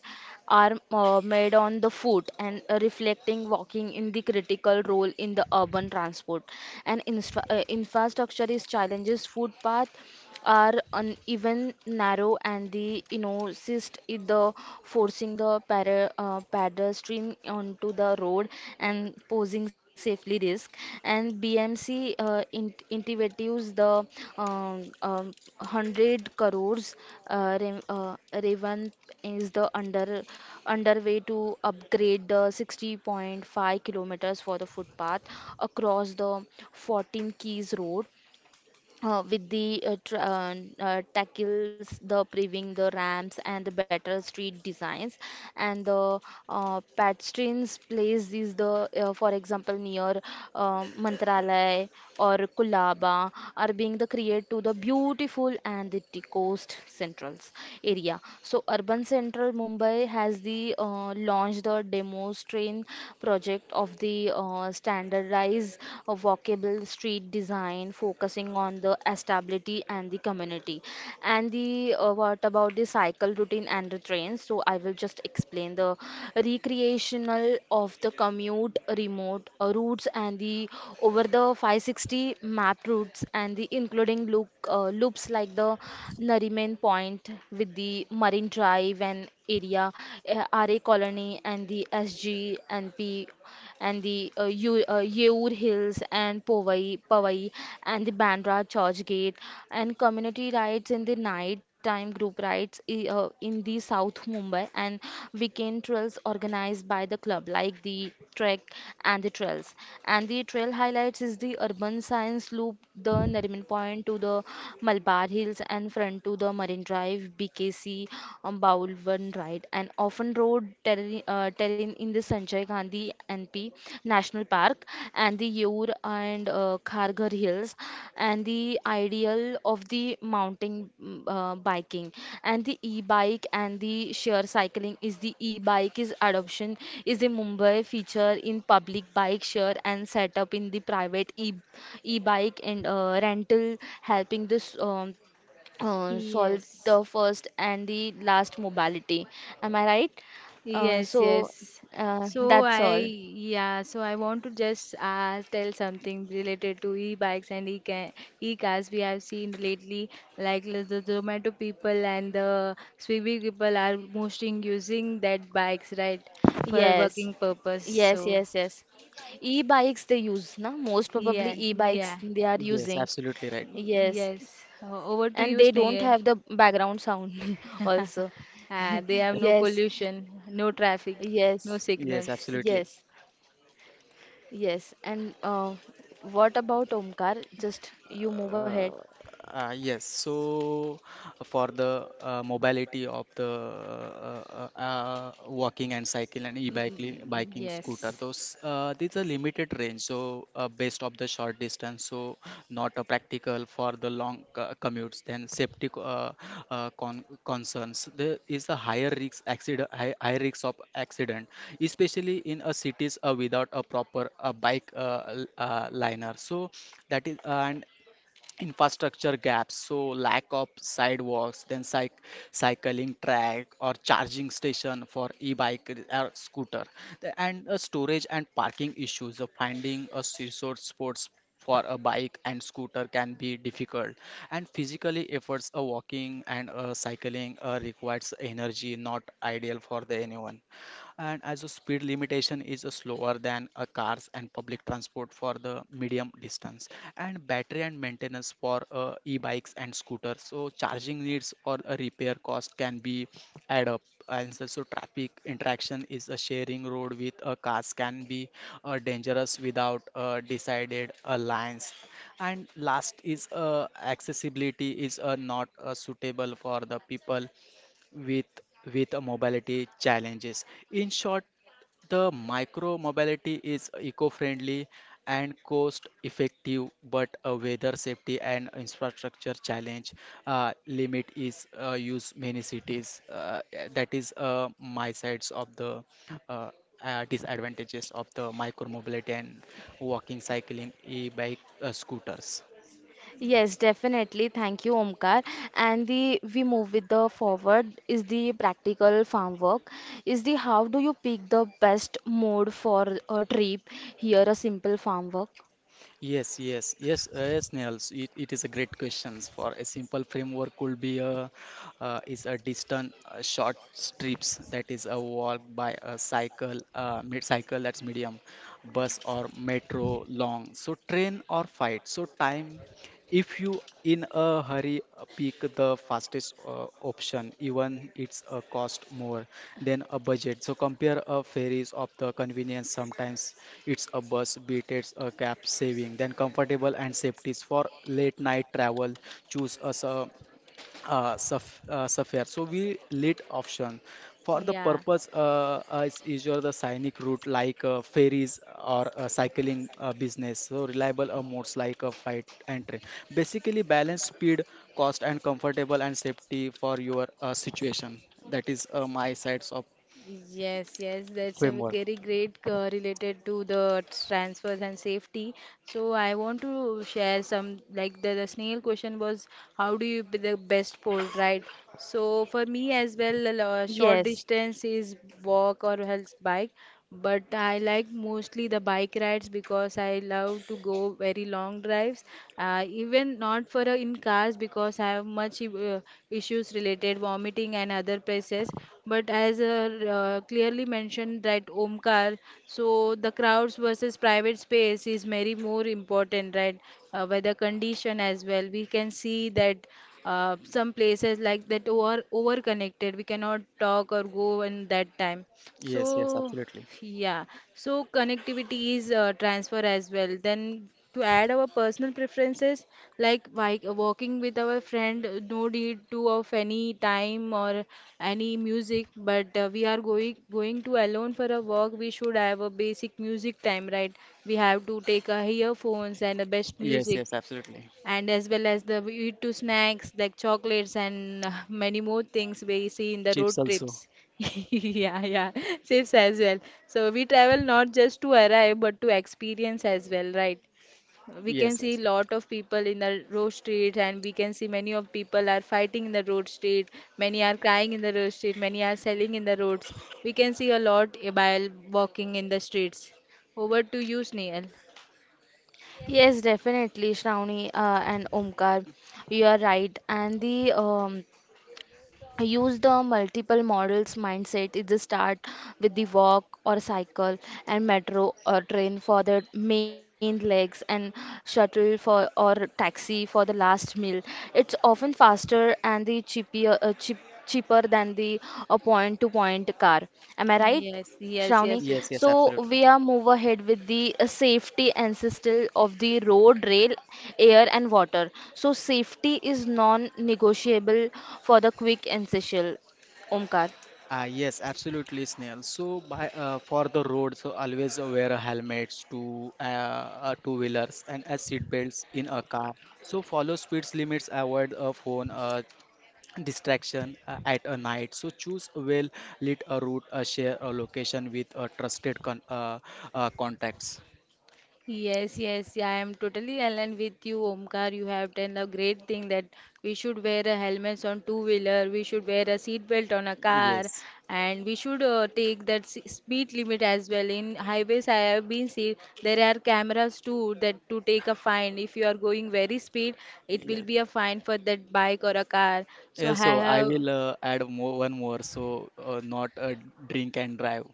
Speaker 1: are made on the foot and reflecting walking in the critical role in the urban transport, and infrastructure is challenges footpath are uneven narrow and the cyst is the forcing the pedestrian onto the road and posing safely risk, and BMC initiatives the um, um, 100 crores uh, re, uh, Raven is the underway to upgrade the 60.5 kilometers for the footpath across the 14 Keys Road, with the tackles, the paving, the ramps, and the better street designs, and the patrons place is the, for example, near Mantralaya or Kulaba are being the create to the beautiful and the coast centrals area. So urban central Mumbai has the launched the demo strain project of the standardized a walkable street design focusing on the stability and the community. And the what about the cycle routine and the trains? So I will just explain the recreational of the commute remote routes and the over the 560 map routes and the including loops like the Nariman Point with the Marine Drive and area, RA Colony and the SG and P and the Yeur Hills and Powai, and the Bandra Church Gate and community rides in the night time group rides in the South Mumbai, and weekend trails organized by the club like the trek and the trails, and the trail highlights is the urban science loop, the Nariman Point to the Malabar Hills and front to the Marine Drive, BKC, Baulwan Drive, right, and often road terrain in the Sanjay Gandhi NP National Park and the Ur and Kharghar Hills, and the ideal of the mountain biking, and the e-bike and the sheer cycling is the e-bike is adoption is the Mumbai feature in public bike share and setup in the private e e-bike and rental, helping this solve
Speaker 3: Yes.
Speaker 1: the first and the last mobility. Am I right?
Speaker 3: Yes,
Speaker 1: So
Speaker 3: yes.
Speaker 1: that's all.
Speaker 3: Yeah, so I want to just tell something related to e-bikes and e-cars. We have seen lately, like the Zomato people and the Swiggy people are mostly using that bikes, right,
Speaker 1: Yes,
Speaker 3: for working
Speaker 1: yes,
Speaker 3: purpose.
Speaker 1: yes,
Speaker 3: So
Speaker 1: yes. E-bikes they use, na? Most probably
Speaker 3: yeah,
Speaker 1: e-bikes
Speaker 3: yeah,
Speaker 1: they are using.
Speaker 2: yes, absolutely right.
Speaker 1: Yes,
Speaker 3: yes. Over
Speaker 1: and
Speaker 3: to
Speaker 1: they
Speaker 3: you,
Speaker 1: don't have
Speaker 3: Snehal.
Speaker 1: the background sound also.
Speaker 3: They have no
Speaker 1: Yes,
Speaker 3: pollution, no traffic, no
Speaker 1: yes,
Speaker 2: Yes,
Speaker 3: signals.
Speaker 2: absolutely.
Speaker 1: yes, yes. And what about Omkar? Just you move
Speaker 2: Uh,
Speaker 1: ahead.
Speaker 2: yes, so for the mobility of the walking and cycle and e-biking
Speaker 3: Mm,
Speaker 2: biking scooter,
Speaker 3: yes,
Speaker 2: those these are limited range, so based of the short distance, so not a practical for the long commutes. Then safety concerns, there is a higher risk accident, high risk of accident, especially in a cities without a proper bike liner. So that is and infrastructure gaps, so lack of sidewalks, then cycling track or charging station for e-bike or scooter. The- and Storage and parking issues of finding a resort sports for a bike and scooter can be difficult. And physically efforts a walking and cycling requires energy, not ideal for the anyone. And as a speed limitation is a slower than a cars and public transport for the medium distance. And battery and maintenance for e-bikes and scooters, so charging needs or a repair cost can be add up. And so traffic interaction is a sharing road with a cars can be dangerous without a decided alliance. And last is accessibility is not suitable for the people with a mobility challenges. In short, the micro mobility is eco-friendly and cost-effective, but a weather safety and infrastructure challenge limit is use many cities. That is my sides of the uh, disadvantages of the micro mobility and walking, cycling, e-bike, scooters.
Speaker 1: Yes, definitely. Thank you, Omkar. And the we move with the forward is the practical farm work. Is the how do you pick the best mode for a trip? Here, a simple farm work.
Speaker 2: Yes, yes, yes, yes, Nils. It is a great questions. For a simple framework could be a is a distant short strips that is a walk by a cycle, mid-cycle that's medium, bus or metro long. So train or flight. So time, if you in a hurry, pick the fastest option, even it's a cost more than a budget. So compare a ferries of the convenience. Sometimes it's a bus, beat it's a cab saving. Then comfortable and safety for late night travel. Choose us a Sapphire. So we lit option for the
Speaker 3: yeah.
Speaker 2: purpose is usually the scenic route like ferries or cycling business. So reliable modes like a flight and train. Basically, balance speed, cost, and comfortable and safety for your situation. That is my sides of
Speaker 3: Yes, yes, that's a
Speaker 2: framework.
Speaker 3: very great related to the transfers and safety. So I want to share some like the snail question was, how do you be the best port, right? So for me as well, a short
Speaker 1: Yes,
Speaker 3: distance is walk or else bike, but I like mostly the bike rides because I love to go very long drives. Even not for in cars, because I have much issues related vomiting and other places. But as clearly mentioned that Omkar, so the crowds versus private space is very more important, right? Weather condition as well. We can see that some places like that over connected. We cannot talk or go in that time.
Speaker 2: Yes, yes,
Speaker 3: So.
Speaker 2: absolutely.
Speaker 3: Yeah, so connectivity is transfer as well. Then to add our personal preferences, like walking with our friend, no need to of any time or any music, but we are going to alone for a walk. We should have a basic music time, right? We have to take our earphones and the best
Speaker 2: Yes,
Speaker 3: music,
Speaker 2: yes, absolutely.
Speaker 3: and as well as the we eat two snacks like chocolates and many more things we see in the road
Speaker 2: Chips also.
Speaker 3: trips. Yeah, yeah, trips as well. So we travel not just to arrive but to experience as well, right? We can
Speaker 2: Yes,
Speaker 3: see
Speaker 2: yes,
Speaker 3: lot of people in the road street, and we can see many of people are fighting in the road street, many are crying in the road street, many are selling in the roads. We can see a lot, while walking in the streets. Over to you, Snail.
Speaker 1: yes, definitely, Shravani and Omkar, you are right. And the use the multiple models mindset is the start with the walk or cycle, and metro or train for the main legs, and shuttle for or taxi for the last meal, it's often faster and the cheaper than the a point to point car. Am I right,
Speaker 3: Yes, yes,
Speaker 1: Shravani?
Speaker 3: yes, yes.
Speaker 2: yes, yes,
Speaker 1: So
Speaker 2: absolutely.
Speaker 1: we are move ahead with the safety ancestral of the road, rail, air and water. So safety is non-negotiable for the quick ancestral. Omkar.
Speaker 2: Ah, yes, absolutely, Snail. So, by for the road, so always wear a helmets to two wheelers and as seat belts in a car. So, follow speed limits, avoid a phone distraction at a night. So, choose a well lit a route, share a location with a trusted contacts.
Speaker 3: Yes, yes, yeah, I am totally aligned with you, Omkar. You have done a great thing, that we should wear a helmets on two wheeler, we should wear a seat belt on a car,
Speaker 2: Yes.
Speaker 3: and we should take that speed limit as well. In highways, I have been seen there are cameras too that to take a fine. If you are going very speed, it will
Speaker 2: Yeah.
Speaker 3: be a fine for that bike or a car. So I
Speaker 2: Also, I
Speaker 3: have.
Speaker 2: will add more one more. So, not drink and drive.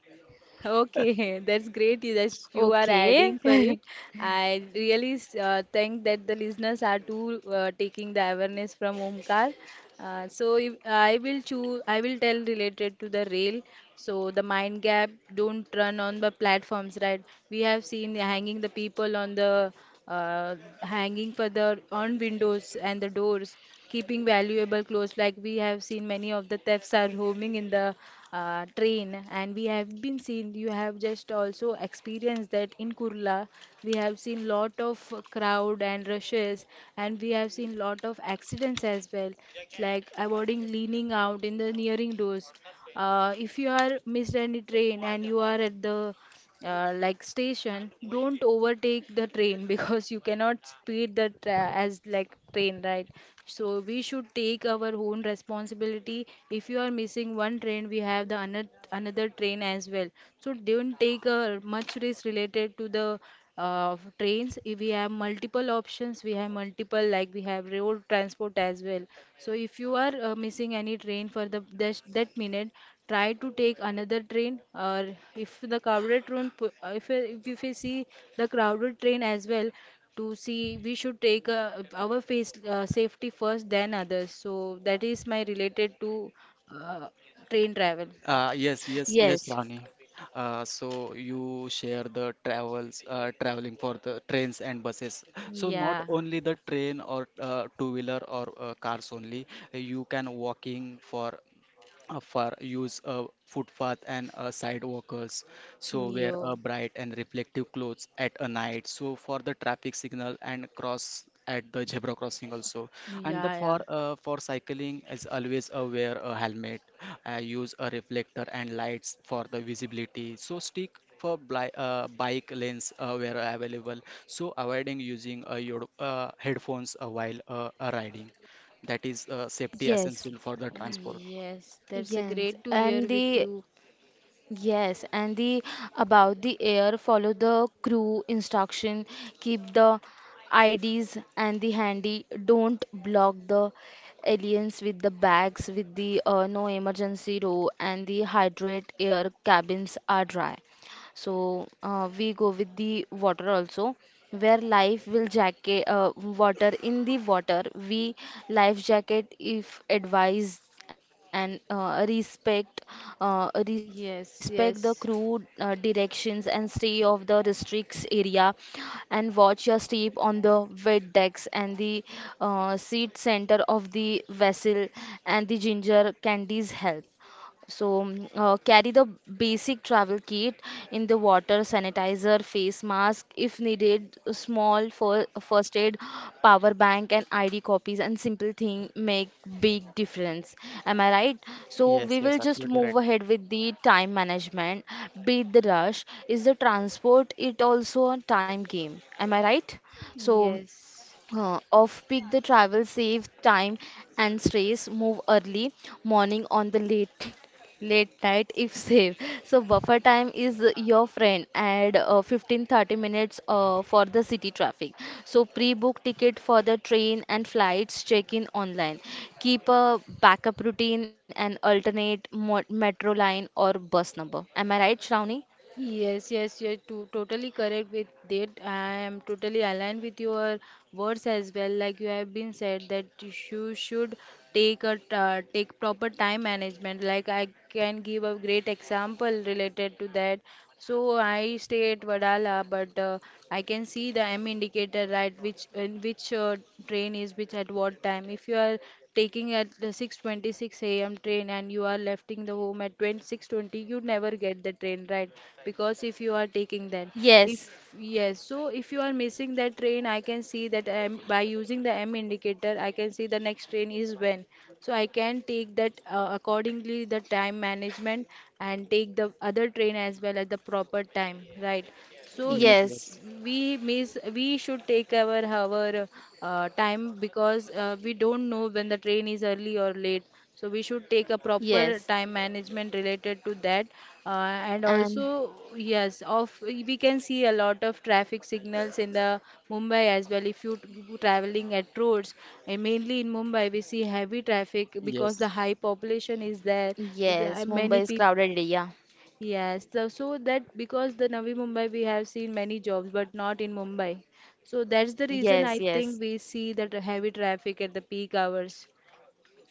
Speaker 3: Okay, that's great that you are
Speaker 1: Okay.
Speaker 3: adding for it. I really think that the listeners are too taking the awareness from Omkar. So if, I will choose. I will tell related to the rail. So the mind gap don't run on the platforms, right? We have seen the hanging the people on the hanging for the on windows and the doors, keeping valuable clothes. Like we have seen many of the thefts are roaming in the train, and we have been seen you have just also experienced that in kurla. We have seen lot of crowd and rushes, and we have seen lot of accidents as well, like avoiding leaning out in the nearing doors. If you are missed any train and you are at the like station, don't overtake the train because you cannot as like train, right? So we should take our own responsibility. If you are missing one train, we have the another train as well. So don't take a much risk related to the trains. If we have multiple options, we have multiple, like we have road transport as well. So if you are missing any train for the that minute, try to take another train. Or if the if we see the crowded train as well, to see we should take our face, safety first, then others. So that is my related to uh, train travel.
Speaker 2: Yes, yes, yes,
Speaker 1: Yes.
Speaker 2: Rani. So you share the traveling for the trains and buses. So not
Speaker 3: Yeah.
Speaker 2: only the train or two-wheeler or cars only, you can walking for use a footpath and sidewalkers. So wear a
Speaker 3: you
Speaker 2: bright and reflective clothes at a night, so for the traffic signal and cross at the zebra crossing also. And the
Speaker 3: Yeah, yeah.
Speaker 2: for cycling is always wear a helmet, use a reflector and lights for the visibility, so stick for bli bike lanes where available. So avoiding using your headphones while riding. That is safety
Speaker 1: Yes.
Speaker 2: essential for the transport.
Speaker 3: Yes, that's a great to
Speaker 1: Yes,
Speaker 3: hear with
Speaker 1: and
Speaker 3: you.
Speaker 1: the Yes, and the, about the air, follow the crew instruction, keep the IDs and the handy, don't block the aliens with the bags with the no emergency row, and the hydrate air cabins are dry. So we go with the water also, where life will jacket water in the water. We life jacket if advised, and respect the
Speaker 3: Yes,
Speaker 1: crew
Speaker 3: yes,
Speaker 1: directions and stay of the restricts area, and watch your step on the wet decks and the seat center of the vessel, and the ginger candies help. So, carry the basic travel kit in the water, sanitizer, face mask if needed, a small first aid, power bank, and ID copies, and simple thing make big difference. Am I right? So,
Speaker 2: Yes,
Speaker 1: we
Speaker 2: yes,
Speaker 1: will just
Speaker 2: absolutely
Speaker 1: move
Speaker 2: right.
Speaker 1: ahead with the time management. Beat the rush. Is the transport it also a time game? Am I right? So,
Speaker 3: yes.
Speaker 1: off-peak, the travel save time and stress. Move early morning on the late night if safe. So buffer time is your friend. Add 15 30 minutes for the city traffic. So pre-book ticket for the train and flights. Check in online. Keep a backup routine and alternate mo metro line or bus number. Am I right, Shravani?
Speaker 3: Yes, yes, totally correct with that. I am totally aligned with your words as well. Like you have been said that you should take proper time management. Like I can give a great example related to that. So I stay at Vadala, but I can see the M indicator, right? Which, in which train is which at what time? If you are taking at the 6:26 a.m. train and you are leaving the home at 26:20, you never get the train, right? Because if you are taking that, if
Speaker 1: Yes,
Speaker 3: yes. So if you are missing that train, I can see that by using the M indicator, I can see the next train is when. So I can take that accordingly the time management, and take the other train as well at the proper time, right? So
Speaker 2: Yes,
Speaker 3: if
Speaker 1: yes,
Speaker 2: yes,
Speaker 3: we should take our time, because we don't know when the train is early or late. So we should take a
Speaker 1: yes,
Speaker 3: proper time management related to that, and
Speaker 1: and
Speaker 3: also yes. of We can see a lot of traffic signals in the mumbai as well if you traveling at roads. And mainly in mumbai we see heavy traffic because the
Speaker 2: yes,
Speaker 3: high population is there. The-
Speaker 1: yes.
Speaker 3: many
Speaker 1: Mumbai is
Speaker 3: people.
Speaker 1: crowded area.
Speaker 3: Yes, that because the Navi Mumbai we have seen many jobs, but not in Mumbai. So that's the reason I
Speaker 1: Yes, yes.
Speaker 3: think we see that heavy traffic at the peak hours.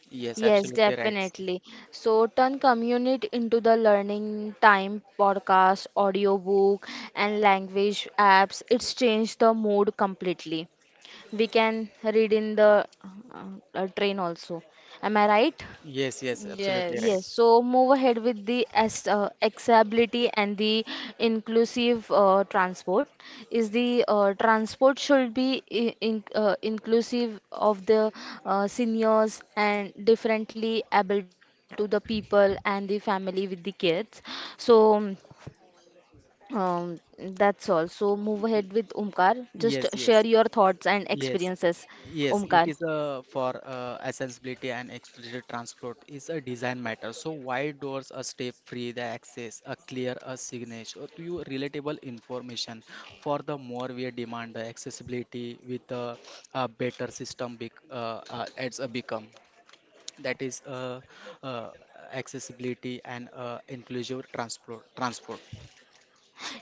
Speaker 2: yes,
Speaker 1: Yes,
Speaker 2: absolutely right.
Speaker 1: definitely. So turn community into the learning time, podcast, audiobook, and language apps. It's changed the mode completely. We can read in the train also. Am I right?
Speaker 2: Yes, yes, absolutely right.
Speaker 1: Yes,
Speaker 3: Yes.
Speaker 1: so move ahead with the accessibility and the inclusive transport. Is the transport should be inclusive of the seniors and differently able to the people and the family with the kids. So that's all. So move ahead with Omkar. Just share your
Speaker 2: Yes,
Speaker 1: thoughts
Speaker 2: yes,
Speaker 1: and experiences,
Speaker 2: yes,
Speaker 1: Omkar.
Speaker 2: yes. It is a for accessibility and explicit transport is a design matter. So wide doors, a step free, the access, a clear, a signature to you relatable information. For the more we demand the accessibility with the a better system, bec it's a become. That is uh, accessibility and inclusive transport.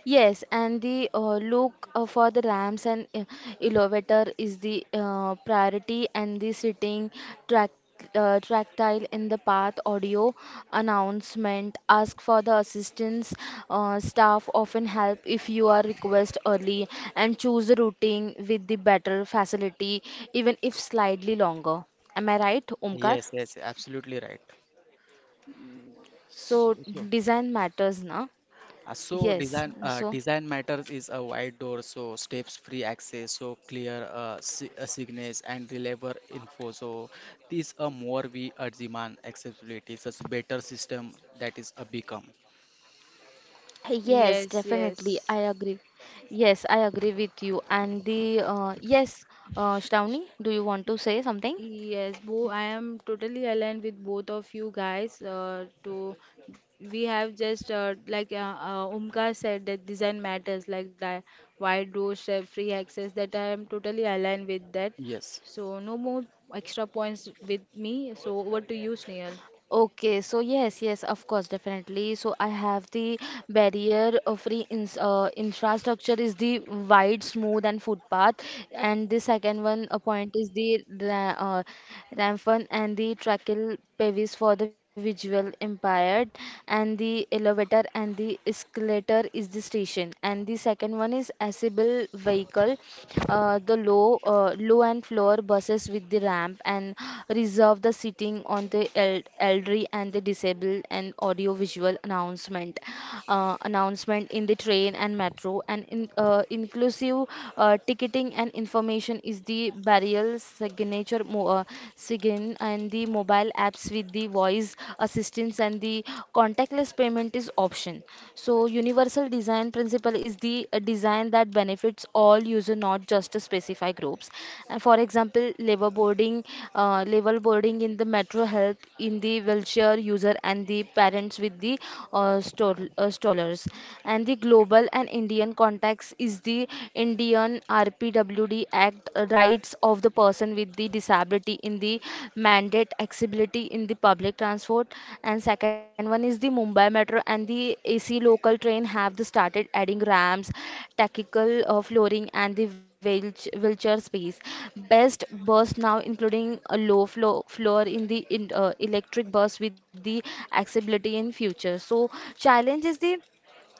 Speaker 1: Yes, and the look for the ramps and elevator is the priority, and the sitting track tactile in the path audio announcement. Ask for the assistance. Staff often help if you are request early, and choose a routing with the better facility, even if slightly longer. Am I right,
Speaker 2: Yes,
Speaker 1: Omkar?
Speaker 2: yes, absolutely right.
Speaker 1: So
Speaker 2: So
Speaker 1: design matters, na?
Speaker 2: so
Speaker 1: Yes. So.
Speaker 2: design matters is a wide door, so steps free access, so clear si signage and reliable info. So these are more we demand accessibility, so it's a better system, that is a become.
Speaker 1: Yes,
Speaker 3: Yes,
Speaker 1: definitely. I
Speaker 3: yes.
Speaker 1: agree. Yes, I agree with you. And the yes,
Speaker 3: Sh- sh-
Speaker 1: Shravani, do you want to say something?
Speaker 3: Yes, Bo, I am totally aligned with both of you guys. To We have just like Umkar said that design matters, like the wide doorstep, free access. That I am totally aligned with that.
Speaker 2: Yes,
Speaker 3: So no more extra points with me. So over to you, Snehal.
Speaker 1: Okay, so yes, yes, of course, definitely. So I have the barrier free ins infrastructure is the wide, smooth, and footpath, and the second one point is the ra uh, rampant and the tracheal pelvis for the visual impaired, and the elevator and the escalator is the station, and the second one is accessible vehicle, the low and floor buses with the ramp and reserve the seating on the elderly and the disabled and audio visual announcement in the train and metro and inclusive ticketing and information is the barrier signature sign and the mobile apps with the voice assistance and the contactless payment is option. So universal design principle is the design that benefits all user not just a specified groups, and for example labor boarding, labor boarding in the metro help in the wheelchair user and the parents with the stallers. And the global and Indian contacts is the Indian RPWD act, rights of the person with the disability in the mandate accessibility in the public transport. And second one is the Mumbai metro and the AC local train have the started adding ramps, tactical flooring and the wheelchair space. Best bus now including a low floor in the electric bus with the accessibility in future. So challenge is the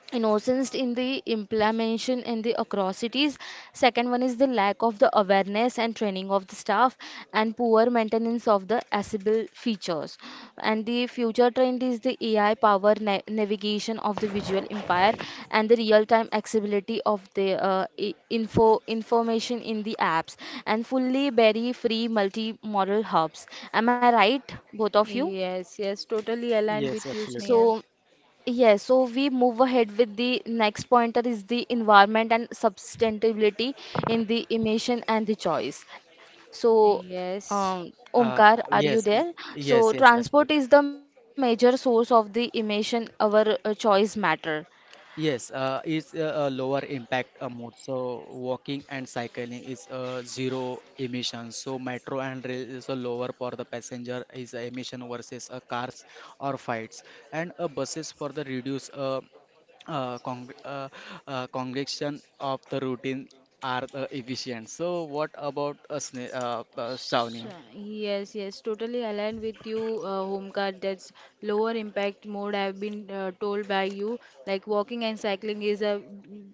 Speaker 1: innocence in the implementation and the atrocities. Second one is the lack of the awareness and training of the staff and poor maintenance of the accessible features. And the future trend is the AI power navigation of the visual empire and the real time accessibility of the information in the apps and fully berry free multi modal hubs. Am I right, both of you?
Speaker 3: Yes, yes, totally aligned
Speaker 2: yes,
Speaker 3: with you,
Speaker 1: So
Speaker 2: absolutely.
Speaker 3: Snehal.
Speaker 1: yes, so we move ahead with the next pointer is the environment and sustainability in the emission and the choice. So,
Speaker 3: Yes.
Speaker 2: uh,
Speaker 1: Omkar, are you
Speaker 2: yes,
Speaker 1: there?
Speaker 2: yes,
Speaker 1: So,
Speaker 2: yes,
Speaker 1: transport
Speaker 2: absolutely.
Speaker 1: is the major source of the emission, our choice matter.
Speaker 2: Yes, it's a lower impact mode. So walking and cycling is zero emissions. So metro and rail is a lower for the passenger is a emission versus cars or flights, and buses for the reduce uh, con uh, congestion of the routine are efficient. So what about us,
Speaker 3: Sh-
Speaker 2: Shravani?
Speaker 3: Yes, yes, totally aligned with you, Homkar. That's lower impact mode. I've been told by you, like walking and cycling is a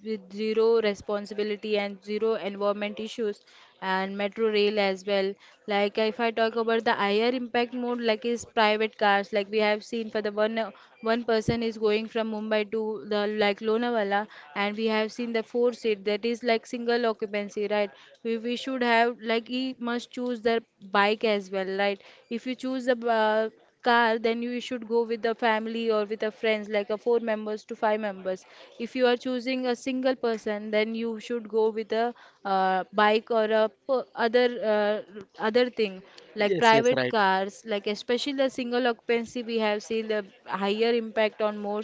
Speaker 3: with zero responsibility and zero environment issues, and metro rail as well. Like if I talk about the higher impact mode, like is private cars, like we have seen for the one person is going from Mumbai to the like Lonavala, and we have seen the four seat that is like single occupancy, right? We should have like he must choose the bike as well, right? If you choose the car, then you should go with the family or with the friends, like a four members to five members. If you are choosing a single person, then you should go with a bike or a other other thing. Like
Speaker 2: Yes, yes,
Speaker 3: private
Speaker 2: right.
Speaker 3: cars, like especially the single occupancy, we have seen the higher impact on more.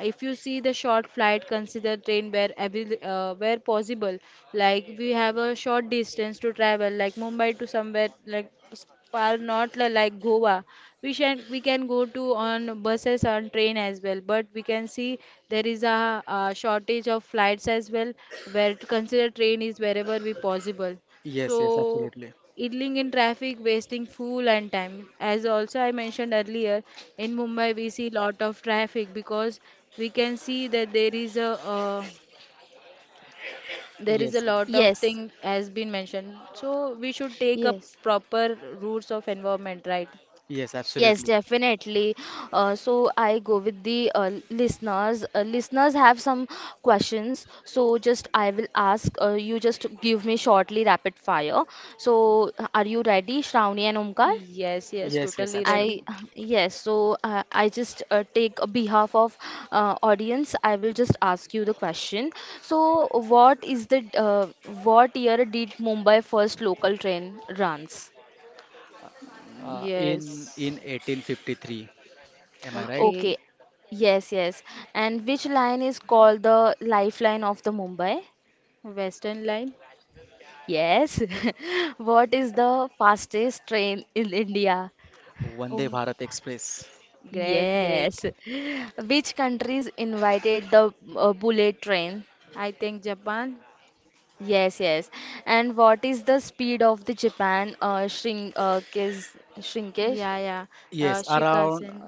Speaker 3: If you see the short flight, consider train where where possible. Like we have a short distance to travel, like mumbai to somewhere like far, not li- like goa, we can go to on buses, on train as well, but we can see there is a, uh, shortage of flights as well, where to consider train is wherever we possible.
Speaker 2: Yes,
Speaker 3: So
Speaker 2: yes, absolutely.
Speaker 3: idling in traffic, wasting fuel and time. As also I mentioned earlier, in Mumbai we see lot of traffic because we can see that uh, there is a
Speaker 2: Yes,
Speaker 3: lot of
Speaker 1: Yes,
Speaker 3: thing has been mentioned. So we should take up
Speaker 1: yes.
Speaker 3: proper routes of environment, right?
Speaker 2: yes,
Speaker 1: Yes,
Speaker 2: absolutely.
Speaker 1: definitely. So I go with the listeners. Listeners have some questions, so just I will ask. You just give me shortly rapid fire. So are you ready, Shravani and Omkar?
Speaker 3: Yes, yes,
Speaker 2: Yes, yes,
Speaker 3: totally
Speaker 1: I
Speaker 3: ready.
Speaker 2: absolutely.
Speaker 1: yes. So I just take a behalf of audience. I will just ask you the question. So what is the what year did Mumbai first local train runs?
Speaker 2: In
Speaker 3: Yes.
Speaker 2: in 1853. Am I right?
Speaker 1: Okay.
Speaker 3: Okay.
Speaker 1: Yes, yes. And which line is called the lifeline of the Mumbai?
Speaker 3: Western line.
Speaker 1: Yes. What is the fastest train in India?
Speaker 2: Vande
Speaker 3: Oh,
Speaker 2: Bharat Express.
Speaker 3: great, great.
Speaker 1: Yes. Which countries invited the bullet train?
Speaker 3: I think Japan.
Speaker 1: Yes, yes. And what is the speed of the Japan shrinkage?
Speaker 3: Yeah, yeah.
Speaker 2: Yes, around
Speaker 3: Shikasen.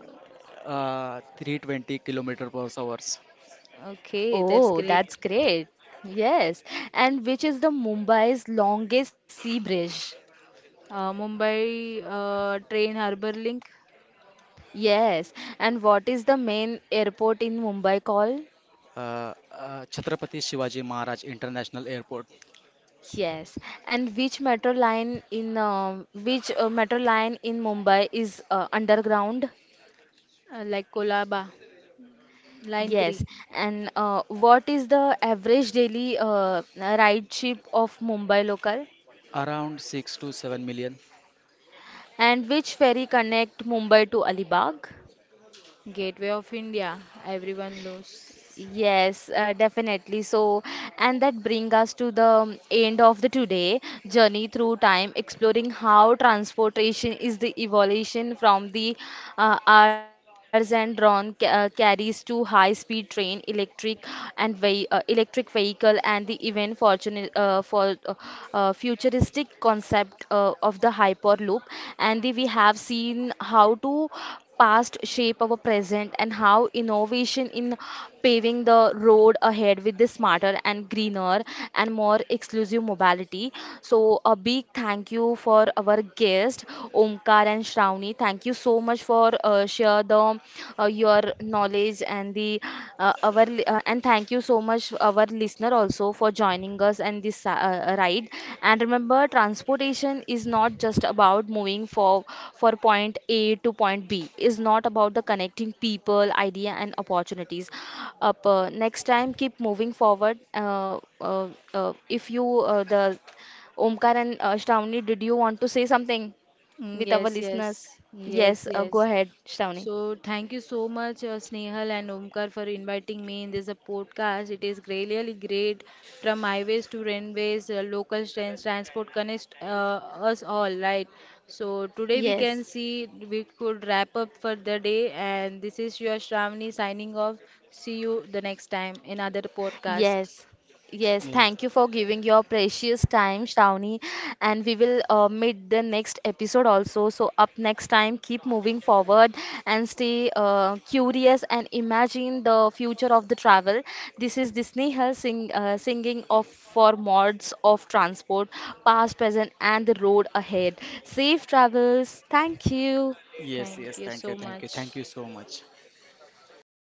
Speaker 2: 320 kilometer per hours.
Speaker 3: Okay,
Speaker 1: Oh,
Speaker 3: that's
Speaker 1: that's
Speaker 3: great.
Speaker 1: great. Yes. And which is the Mumbai's longest sea bridge?
Speaker 3: Mumbai train Harbour Link.
Speaker 1: Yes, and what is the main airport in Mumbai called?
Speaker 2: Chhatrapati Shivaji Maharaj International Airport.
Speaker 1: Yes, and which metro line in which metro line in Mumbai is underground?
Speaker 3: Uh, like Kolaba, Line
Speaker 1: Yes,
Speaker 3: 3.
Speaker 1: and what is the average daily ridership of Mumbai local?
Speaker 2: Around 6 to 7 million.
Speaker 1: And which ferry connect Mumbai to Alibag?
Speaker 3: Gateway of India. Everyone knows.
Speaker 1: Yes, definitely. So, and that bring us to the end of the today journey through time, exploring how transportation is the evolution from the cars and drawn ca carries to high-speed train, electric and ve electric vehicle, and the even fortunate for uh, futuristic concept of the hyperloop. And the, we have seen how to past shape our present and how innovation in paving the road ahead with the smarter and greener and more exclusive mobility. So a big thank you for our guest Omkar and Shravani. Thank you so much for share the your knowledge and the our and thank you so much, our listener, also for joining us and this ride. And remember, transportation is not just about moving for point A to point B. It's not about the connecting people, idea, and opportunities. Up Next time, keep moving forward. Uh, uh, if you the Omkar and Shravani, did you want to say something
Speaker 3: Mm,
Speaker 1: with our
Speaker 3: yes,
Speaker 1: listeners?
Speaker 3: yes,
Speaker 1: Yes,
Speaker 3: yes,
Speaker 1: go
Speaker 3: yes.
Speaker 1: ahead, Shravani.
Speaker 3: So thank you so much, Snehal and Omkar, for inviting me in this podcast. It is really great. From highways to railways, local trains, transport connects us all, right? So today we
Speaker 1: Yes.
Speaker 3: can see we could wrap up for the day, and this is your Shravani signing off. See you the next time in other podcast.
Speaker 1: Yes, yes.
Speaker 2: Yes.
Speaker 1: Thank you for giving your precious time, Shravani. And we will meet the next episode also. So, up next time, keep moving forward and stay curious and imagine the future of the travel. This is this Nehal sing, singing of for mods of transport, past, present, and the road ahead. Safe travels. Thank you.
Speaker 2: Yes.
Speaker 3: Thank
Speaker 2: Yes.
Speaker 3: you
Speaker 2: Thank you.
Speaker 3: so
Speaker 2: Thank you. Thank
Speaker 3: much.
Speaker 2: you so much.